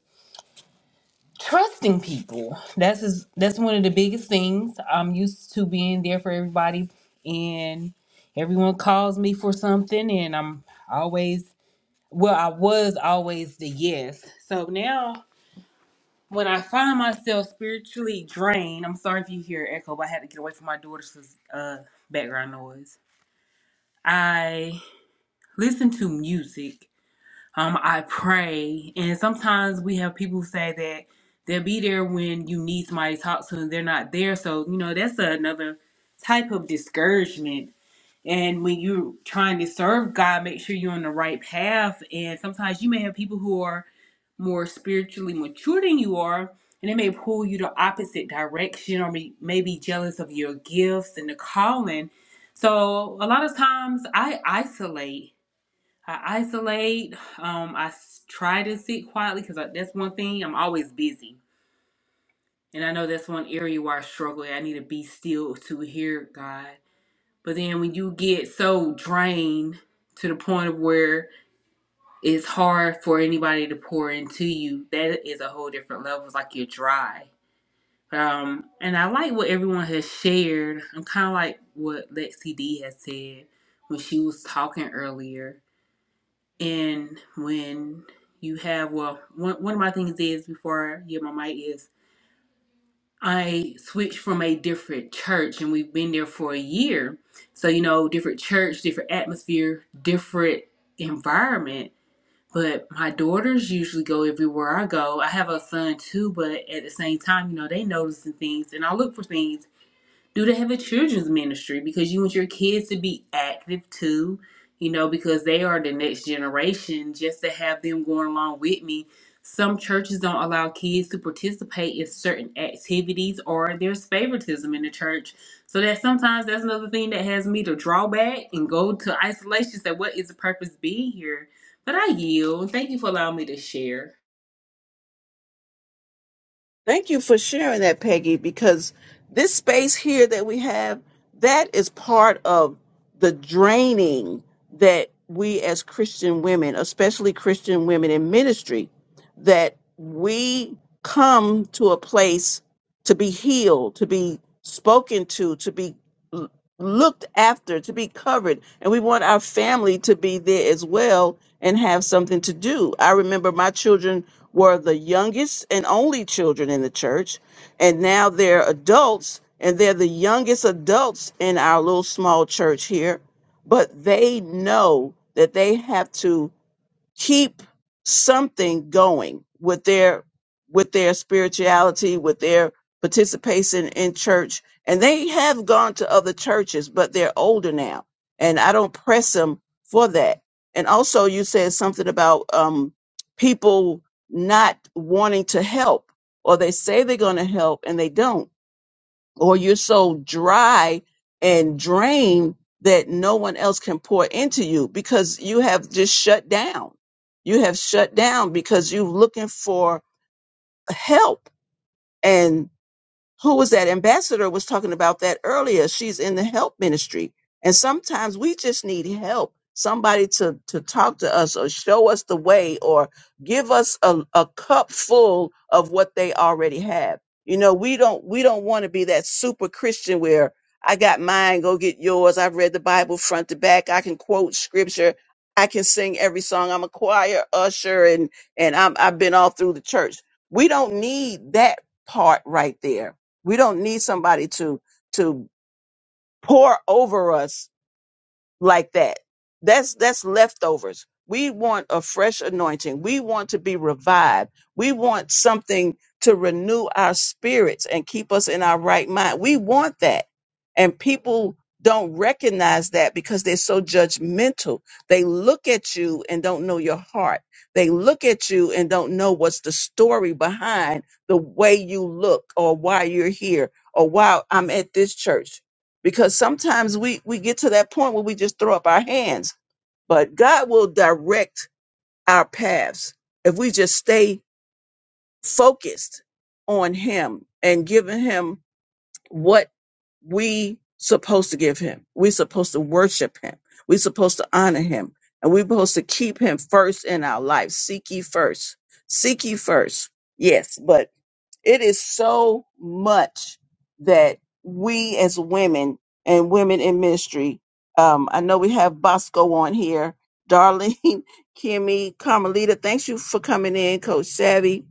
Speaker 6: trusting people. That's is that's one of the biggest things. I'm used to being there for everybody and everyone calls me for something and I'm always well, I was always the yes. So now when I find myself spiritually drained, I'm sorry if you hear echo, but I had to get away from my daughter's uh, background noise. I listen to music. Um, I pray, and sometimes we have people who say that they'll be there when you need somebody to talk to, and they're not there. So you know that's another type of discouragement and when you're trying to serve God, make sure you're on the right path. And sometimes you may have people who are more spiritually mature than you are, and they may pull you the opposite direction or may may be jealous of your gifts and the calling. So a lot of times I isolate. I isolate. Um, I s- try to sit quietly because that's one thing. I'm always busy. And I know that's one area where I struggle. I need to be still to hear God. But then when you get so drained to the point of where it's hard for anybody to pour into you, that is a whole different level. It's like you're dry. Um, and I like what everyone has shared. I'm kind of like what Lexi D has said when she was talking earlier. And when you have, well, one, one of my things is before I get my mic is I switched from a different church and we've been there for a year. So, you know, different church, different atmosphere, different environment. But my daughters usually go everywhere I go. I have a son too, but at the same time, you know, they noticing things and I look for things do they have a children's ministry because you want your kids to be active too you know because they are the next generation just to have them going along with me some churches don't allow kids to participate in certain activities or there's favoritism in the church so that sometimes that's another thing that has me to draw back and go to isolation say what is the purpose being here but i yield thank you for allowing me to share
Speaker 1: Thank you for sharing that, Peggy, because this space here that we have, that is part of the draining that we as Christian women, especially Christian women in ministry, that we come to a place to be healed, to be spoken to, to be l- looked after, to be covered. And we want our family to be there as well and have something to do. I remember my children were the youngest and only children in the church, and now they're adults, and they're the youngest adults in our little small church here. But they know that they have to keep something going with their with their spirituality with their participation in church and they have gone to other churches but they're older now and i don't press them for that and also you said something about um, people not wanting to help or they say they're going to help and they don't or you're so dry and drained that no one else can pour into you because you have just shut down. You have shut down because you're looking for help. and who was that ambassador was talking about that earlier she's in the help ministry and sometimes we just need help somebody to to talk to us or show us the way or give us a, a cup full of what they already have you know we don't we don't want to be that super christian where i got mine go get yours i've read the bible front to back i can quote scripture i can sing every song i'm a choir usher and and I'm, i've been all through the church we don't need that part right there we don't need somebody to to pour over us like that. That's that's leftovers. We want a fresh anointing. We want to be revived. We want something to renew our spirits and keep us in our right mind. We want that. And people don't recognize that because they're so judgmental. They look at you and don't know your heart. They look at you and don't know what's the story behind the way you look or why you're here or why I'm at this church because sometimes we we get to that point where we just throw up our hands but god will direct our paths if we just stay focused on him and giving him what we supposed to give him we are supposed to worship him we are supposed to honor him and we are supposed to keep him first in our life seek ye first seek ye first yes but it is so much that we as women and women in ministry, um, I know we have Bosco on here, Darlene, Kimmy, Carmelita, thanks you for coming in, Coach Savvy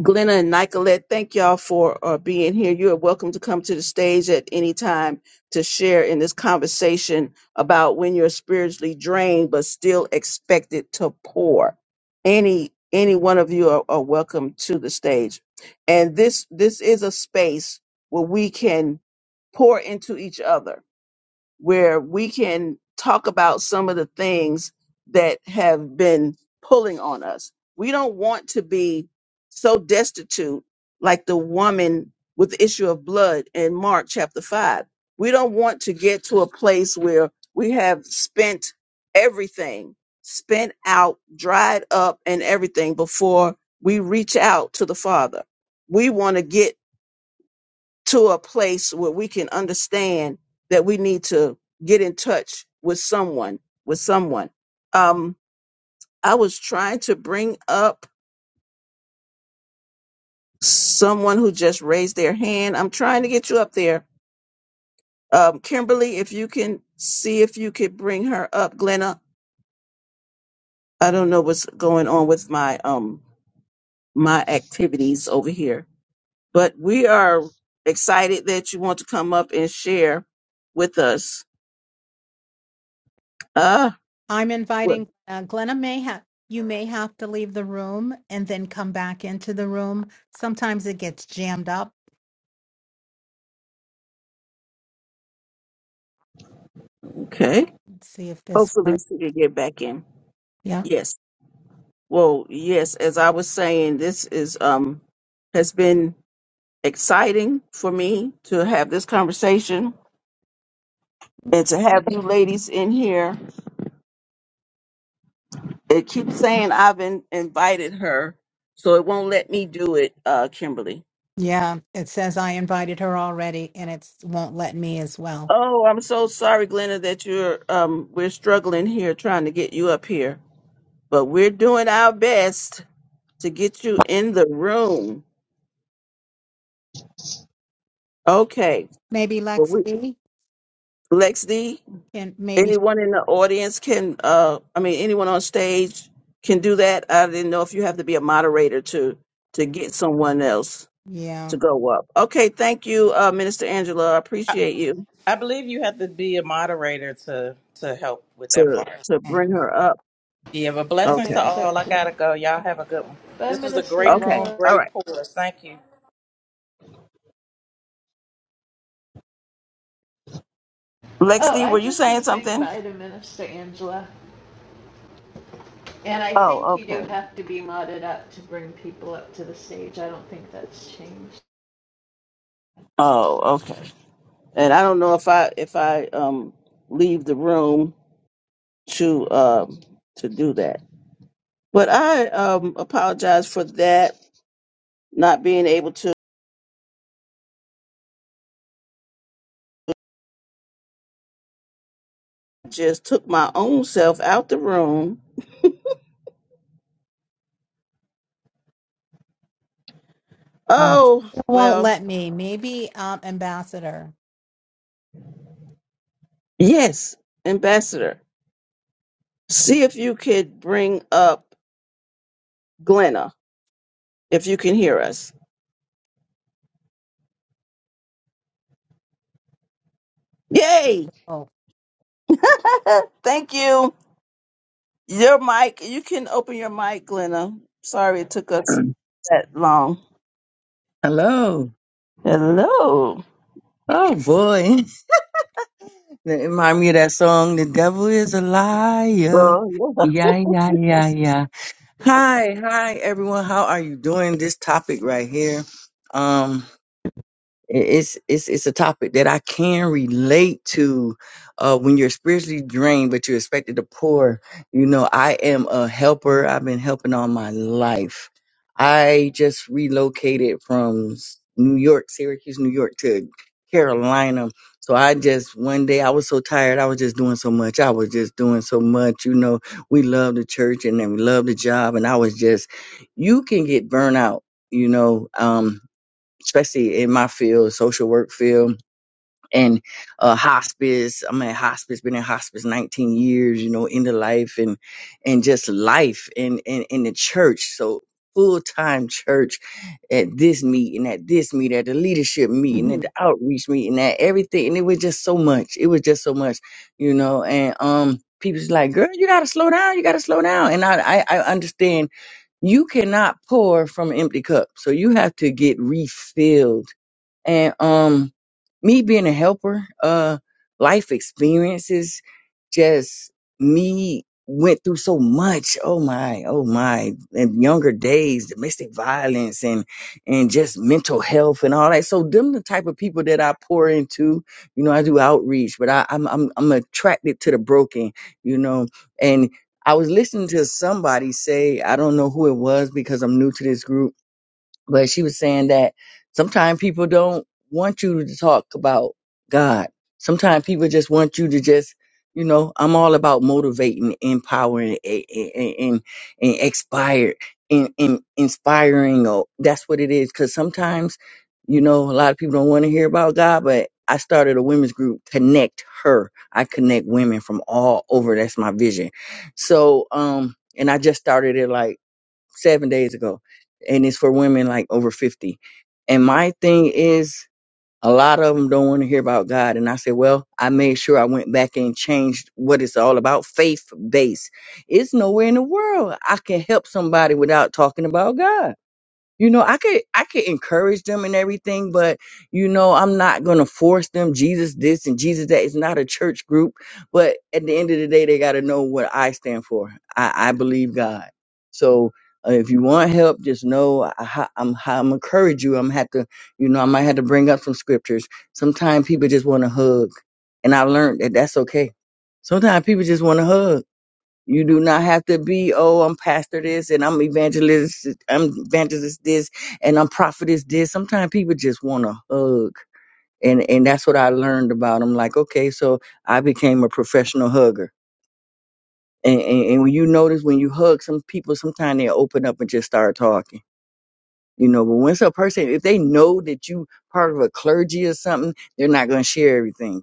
Speaker 1: Glenna and Nicolette, thank y'all for uh, being here. You are welcome to come to the stage at any time to share in this conversation about when you're spiritually drained but still expected to pour. Any any one of you are, are welcome to the stage, and this this is a space where we can pour into each other where we can talk about some of the things that have been pulling on us. We don't want to be so destitute like the woman with the issue of blood in Mark chapter 5. We don't want to get to a place where we have spent everything, spent out, dried up, and everything before we reach out to the Father. We want to get to a place where we can understand that we need to get in touch with someone with someone um i was trying to bring up someone who just raised their hand i'm trying to get you up there um kimberly if you can see if you could bring her up glenna i don't know what's going on with my um my activities over here but we are excited that you want to come up and share with us uh
Speaker 5: I'm inviting uh, Glenna may have you may have to leave the room and then come back into the room. Sometimes it gets jammed up.
Speaker 1: okay
Speaker 5: Let's see if this
Speaker 1: Hopefully
Speaker 5: works.
Speaker 1: she can get back in.
Speaker 5: Yeah.
Speaker 1: Yes. Well, yes, as I was saying, this is um has been exciting for me to have this conversation and to have you ladies in here. It keeps saying I've in, invited her, so it won't let me do it, uh, Kimberly.
Speaker 5: Yeah. It says I invited her already and it won't let me as well.
Speaker 1: Oh, I'm so sorry, Glenda, that you're um we're struggling here trying to get you up here. But we're doing our best to get you in the room. Okay.
Speaker 5: Maybe
Speaker 1: Well
Speaker 5: Lex
Speaker 1: we
Speaker 5: B
Speaker 1: Lex D,
Speaker 5: can maybe
Speaker 1: Anyone in the audience can, uh, I mean, anyone on stage can do that. I didn't know if you have to be a moderator to to get someone else to
Speaker 5: yeah.
Speaker 1: go up. Okay, thank you, uh, Minister Angela. I appreciate you
Speaker 2: I believe you have to be a moderator to to help with that
Speaker 1: to
Speaker 2: part.
Speaker 1: to bring
Speaker 2: Mhm.
Speaker 1: her up.
Speaker 2: Yeah, but
Speaker 4: I
Speaker 2: blessings to
Speaker 4: think
Speaker 1: Okay,
Speaker 4: so
Speaker 2: all. I
Speaker 4: too.
Speaker 2: gotta go. Y'all have a good one.
Speaker 4: Bye,
Speaker 2: This was a
Speaker 4: Minister
Speaker 2: great
Speaker 1: okay,
Speaker 2: room,
Speaker 4: Angela.
Speaker 1: all
Speaker 2: great
Speaker 1: right.
Speaker 2: pour. Thank you.
Speaker 1: Lex
Speaker 4: Oh,
Speaker 1: D,
Speaker 4: I
Speaker 1: were you
Speaker 4: just was
Speaker 1: saying
Speaker 4: saying
Speaker 1: something?
Speaker 4: bye to Minister Angela. And I think
Speaker 1: Oh,
Speaker 4: you do
Speaker 1: okay.
Speaker 4: have to be modded up to bring people up to the stage. I don't think that's changed.
Speaker 1: Oh, okay. And I don't know if I if I um leave the room to um to do that, but I um apologize for that not being able to. just took my own self out the room.
Speaker 5: Uh,
Speaker 1: Oh,
Speaker 5: it won't
Speaker 1: well,
Speaker 5: let me. Maybe um ambassador.
Speaker 1: yes, Ambassador. See if you could bring up Glenna, if you can hear us. Yay!
Speaker 5: Oh.
Speaker 1: Thank you. Your mic, you can open your mic, Glenna. Sorry it took us that long.
Speaker 7: Hello.
Speaker 1: Hello.
Speaker 7: Oh boy. That Remind me of that song, The Devil is a Liar.
Speaker 1: Oh, yeah.
Speaker 7: Yeah, yeah, yeah, yeah. Hi, hi everyone. How are you doing? This topic right here. Um. i- it's it's it's a topic that I can relate to uh when you're spiritually drained but you're expected to pour. You know, I am a helper. I've been helping all my life. I just relocated from S- New York, Syracuse, New York to Carolina. So I just one day I was so tired. I was just doing so much. I was just doing so much. You know, we love the church and then we love the job and I was just you can get burnout you know um, especially in my field, social work field and uh hospice. I'm at hospice, been in hospice 19 years, you know, end of life and and just life and and in the church. So full time church at this meeting, at this meeting, at the leadership meeting, at
Speaker 5: Mhm.
Speaker 7: the outreach meeting, at everything. And it was just so much. It was just so much, you know, and um people's like, girl, you gotta slow down, you gotta slow down. And I I, I understand you cannot pour from an empty cup. So you have to get refilled and um me being a helper, uh life experiences, just me went through so much. Oh my, oh my. In younger days, domestic violence and and just mental health and all that. So them the type of people that I pour into. You know, I do outreach, but I, I'm I'm I'm attracted to the broken, you know. And I was listening to somebody say, I don't know who it was because I'm new to this group but she was saying that sometimes people don't want you to talk about God. Sometimes people just want you to just, you know, I'm all about motivating, empowering, and and, and, and expired, and, and inspiring. Or that's what it is. Because sometimes, you know, a lot of people don't want to hear about God, but I started a women's group, Connect Her. I connect women from all over. That's my vision. So, um, and I just started it like seven days ago, and it's for women like over 50. And my thing is, a lot of them don't want to hear about God. And I said, well, I made sure I went back and changed what it's all about faith based. It's nowhere in the world I can help somebody without talking about God you know i could i could encourage them and everything but you know i'm not gonna force them jesus this and jesus that it's not a church group but at the end of the day they gotta know what i stand for i, I believe god so uh, if you want help just know I, I- i'm i'm encourage you i'm have to you know i might have to bring up some scriptures sometimes people just want to hug and i learned that that's okay sometimes people just want to hug you do not have to be, oh, I'm pastor this and I'm evangelist, I'm evangelist this and I'm prophetess this. Sometimes people just want to hug. And, and that's what I learned about. I'm like, okay, so I became a professional hugger. And, and, and when you notice when you hug some people, sometimes they open up and just start talking. You know, but once a person, if they know that you part of a clergy or something, they're not going to share everything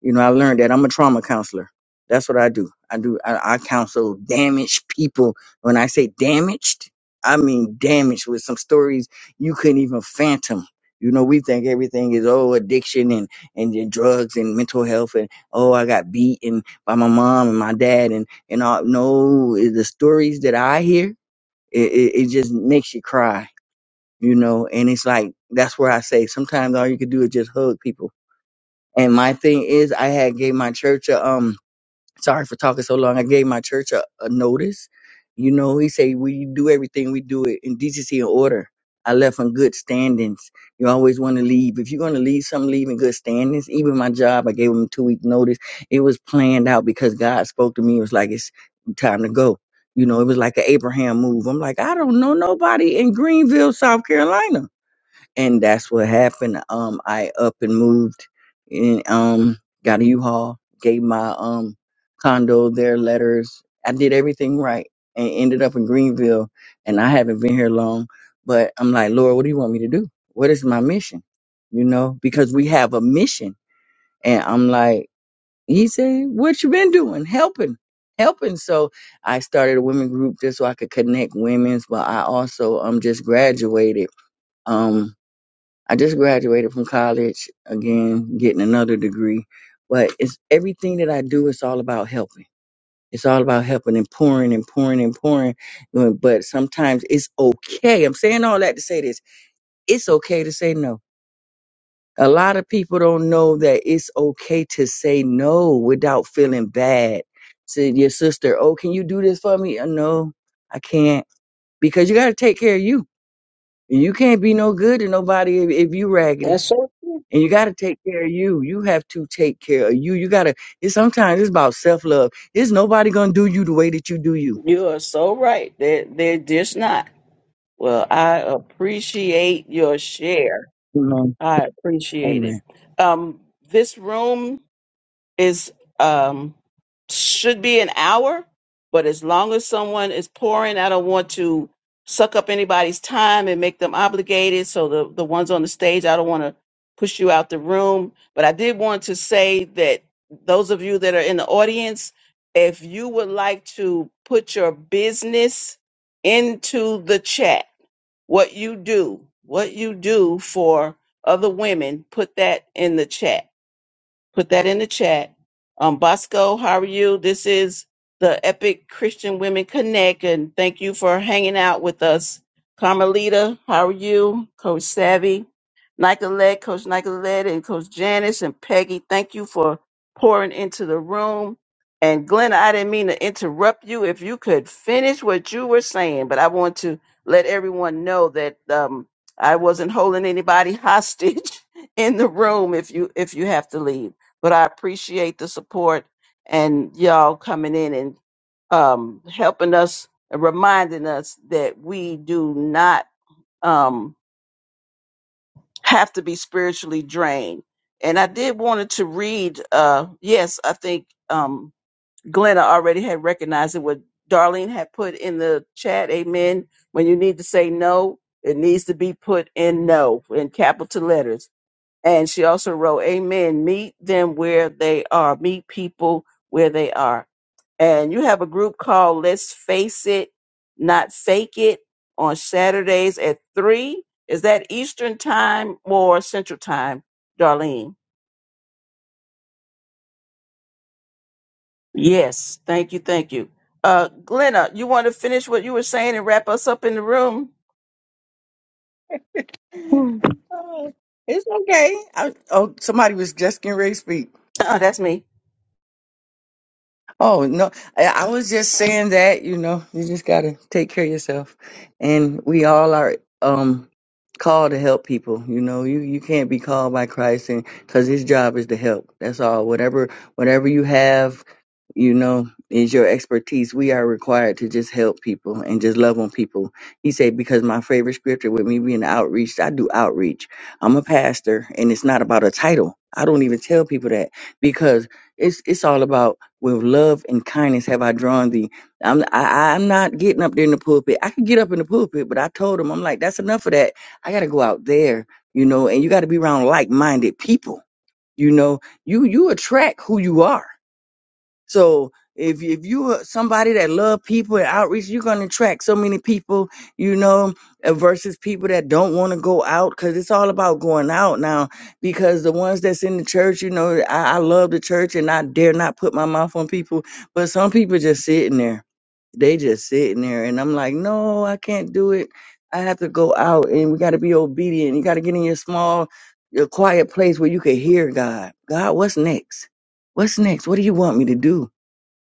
Speaker 7: you know, I learned that I'm a trauma counselor. That's what I do. I do. I, I counsel damaged people. When I say damaged, I mean damaged with some stories you couldn't even phantom. You know, we think everything is oh addiction and and then drugs and mental health and oh I got beaten by my mom and my dad and and all. No, eh, the stories that I hear, it, it, it just makes you cry. You know, and it's like that's where I say sometimes all you can do is just hug people and my thing is, I had gave my church a um. Sorry for talking so long. I gave my church a, a notice. You know, he say we do everything we do it in decency and order. I left in good standings. You always want to leave. If you're going to leave something, leave in good standings. Even my job, I gave them two week notice. It was planned out because God spoke to me. It was like, it's time to go. You know, it was like an Abraham move. I'm like, I don't know nobody in Greenville, South Carolina and that's what happened. Um, I up and moved, and um, got a U-Haul, gave my um condo their letters. I did everything right, and ended up in Greenville, and I haven't been here long. But I'm like, Lord, what do you want me to do? What is my mission? You know, because we have a mission, and I'm like, He said, what you been doing? Helping, helping. So I started a women group just so I could connect women's, but I also um just graduated. Um, I just graduated from college again, getting another degree. But it's everything that I do, it's all about helping. It's all about helping and pouring and pouring and pouring. Uh, But sometimes it's okay. I'm saying all that to say this. It's okay to say no. A lot of people don't know that it's okay to say no without feeling bad. Say to your sister, oh, can you do this for me? Uh, No, I can't. Because you got to take care of you. You can't be no good to nobody if, if you raggedy.
Speaker 1: That's so true.
Speaker 7: and you got to take care of you. You have to take care of you. You got to. It's sometimes it's about self love. It's nobody gonna do you the way that you do you.
Speaker 1: You are so right. They're, they're just not. Well, I appreciate your share.
Speaker 7: Amen.
Speaker 1: I appreciate it.
Speaker 7: Amen.
Speaker 1: Um, this room is um, should be an hour, but as long as someone is pouring, I don't want to suck up anybody's time and make them obligated. So the the ones on the stage, I don't want to push you out the room. But I did want to say that those of you that are in the audience, if you would like to put your business into the chat what you do, what you do for other women, put that in the chat. Put that in the chat. Um, Bosco, how are you? This is the Epic Christian Women Connect, and thank you for hanging out with us. Carmelita, how are you? Coach Savvy, Nicolette, Coach Nicolette, and Coach Janice and Peggy, thank you for pouring into the room. And Glenna, I didn't mean to interrupt you. If you could finish what you were saying, but I want to let everyone know that um, I wasn't holding anybody hostage in the room. If you if you have to leave but I appreciate the support and y'all coming in and um, helping us and reminding us that we do not um, have to be spiritually drained. And I did wanted to read. Uh, yes, I think um, Glenna already had recognized it. What Darlene had put in the chat. Amen. When you need to say no, it needs to be put in no in capital letters and she also wrote, Amen. Meet them where they are. Meet people where they are. And you have a group called Let's Face It, Not Fake It on Saturdays at 3. Is that Eastern time or Central time, Darlene? Yes. Thank you. Thank you. Uh, Glenna, you want to finish what you were saying and wrap us up in the room? Hmm.
Speaker 7: Oh, It's okay. I, oh, somebody was just getting ready to speak.
Speaker 1: Uh, that's me.
Speaker 7: Oh no, I I was just saying that, you know, you just gotta take care of yourself. And we all are um called to help people. You know, you you can't be called by Christ and cuz his job is to help. That's all. Whatever whatever you have, you know, is your expertise. We are required to just help people and just love on people. He said because my favorite scripture with me being outreach, I do outreach. I'm a pastor and it's not about a title. I don't even tell people that because it's it's all about with love and kindness have I drawn thee. I'm I, I'm not getting up there in the pulpit. I could get up in the pulpit, but I told him I'm like that's enough of that. I got to go out there, you know, and you got to be around like minded people. You know, you you attract who you are. So if if you are somebody that love people and outreach, you're gonna attract so many people, you know, uh, versus people that don't want to go out because it's all about going out now. Because the ones that's in the church, you know, I, I love the church and I dare not put my mouth on people, but some people just sitting there. They just sitting there, and I'm like, no, I can't do it. I have to go out, and we got to be obedient. You got to get in your small, your quiet place where you can hear God. God, what's next? What's next? What do you want me to do?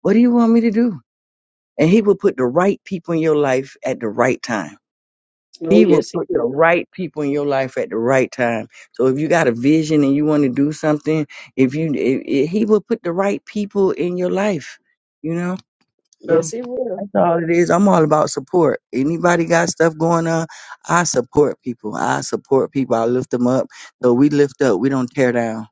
Speaker 7: What do you want me to do? And he will put the right people in your life at the right time.
Speaker 1: Oh,
Speaker 7: He will
Speaker 1: yes, he
Speaker 7: put the
Speaker 1: will.
Speaker 7: right people in your life at the right time. So if you got a vision and you want to do something, if you, i i he will put the right people in your life. You know, so
Speaker 1: Yes, he will.
Speaker 7: that's all it is. I'm all about support. Anybody got stuff going on? I support people. I support people. I lift them up. So we lift up. We don't tear down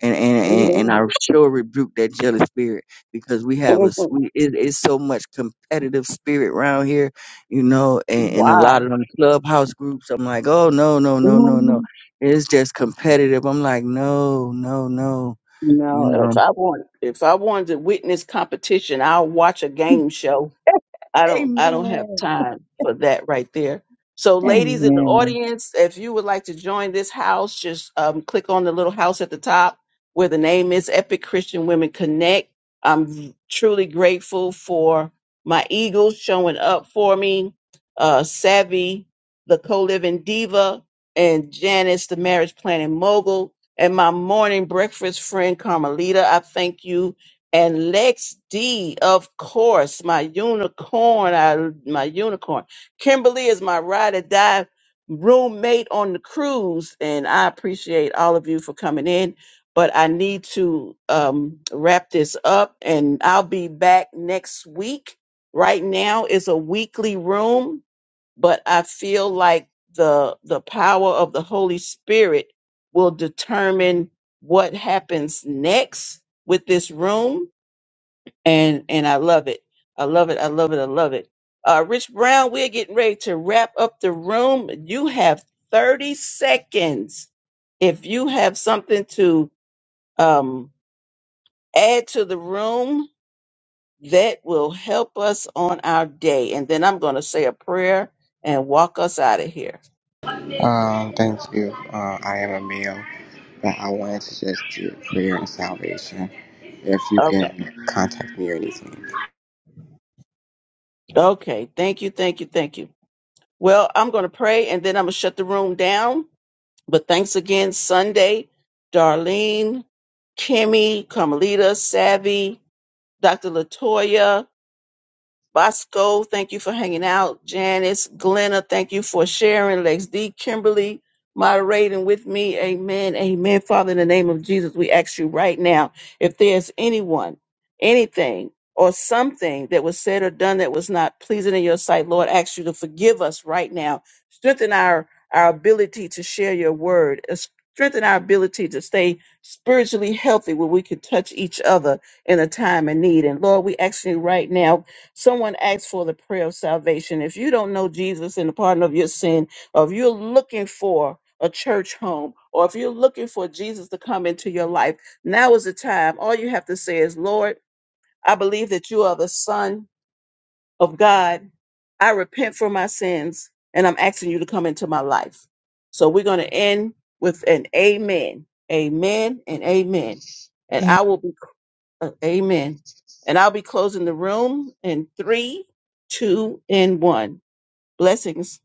Speaker 7: and and and, and I sure rebuke that jealous spirit because we have a s-
Speaker 1: Amen.
Speaker 7: we it, it's so much competitive spirit around here, you know, and, and a lot of them clubhouse groups. I'm like, oh no no no no
Speaker 1: Why?
Speaker 7: no, it's just competitive. I'm like, no no no,
Speaker 1: You
Speaker 7: you
Speaker 1: know,
Speaker 7: know.
Speaker 1: if I want if I wanted to witness competition, I'll watch a game show I don't I don't have
Speaker 7: Amen.
Speaker 1: time for that right there. So ladies in the
Speaker 7: Amen.
Speaker 1: audience, if you would like to join this house, just um, click on the little house at the top where the name is Epic Christian Women Connect. I'm truly grateful for my Eagles showing up for me, uh, Savvy, the co-living diva, and Janice, the marriage planning mogul, and my morning breakfast friend Carmelita. I thank you and Lex D, of course, my unicorn, I, my unicorn. Kimberly is my ride or die roommate on the cruise, and I appreciate all of you for coming in. But I need to um, wrap this up, and I'll be back next week. Right now is a weekly room, but I feel like the the power of the Holy Spirit will determine what happens next with this room and and I love it. I love it. I love it. I love it. Uh, Rich Brown, we're getting ready to wrap up the room. You have thirty seconds. If you have something to um, add to the room, that will help us on our day. And then I'm going to say a prayer and walk us out of here.
Speaker 8: Um, thank you. Uh, I am a male, but I wanted to just do prayer and salvation. If you
Speaker 1: Okay.
Speaker 8: can contact me or anything.
Speaker 1: Okay. Thank you. Thank you. Thank you. Well, I'm going to pray and then I'm going to shut the room down. But thanks again, Sunday, Darlene, Kimmy, Carmelita, Savvy, Dr. Latoya, Bosco, thank you for hanging out. Janice, Glenna, thank you for sharing. Lex D, Kimberly, moderating with me. Amen. Amen. Father, in the name of Jesus, we ask you right now if there's anyone, anything, or something that was said or done that was not pleasing in your sight, Lord, ask you to forgive us right now. Strengthen our, our ability to share your word. Uh, Strengthen our ability to stay spiritually healthy where we can touch each other in a time of need. And Lord, we ask you right now Someone asked for the prayer of salvation. If you don't know Jesus and the pardon of your sin, or if you're looking for a church home, or if you're looking for Jesus to come into your life, now is the time. All you have to say is, Lord, I believe that you are the Son of God. I repent for my sins, and I'm asking you to come into my life. So we're going to end with an amen. Amen and amen. And I will be uh, Amen. And I'll be closing the room in three, two, and one. Blessings.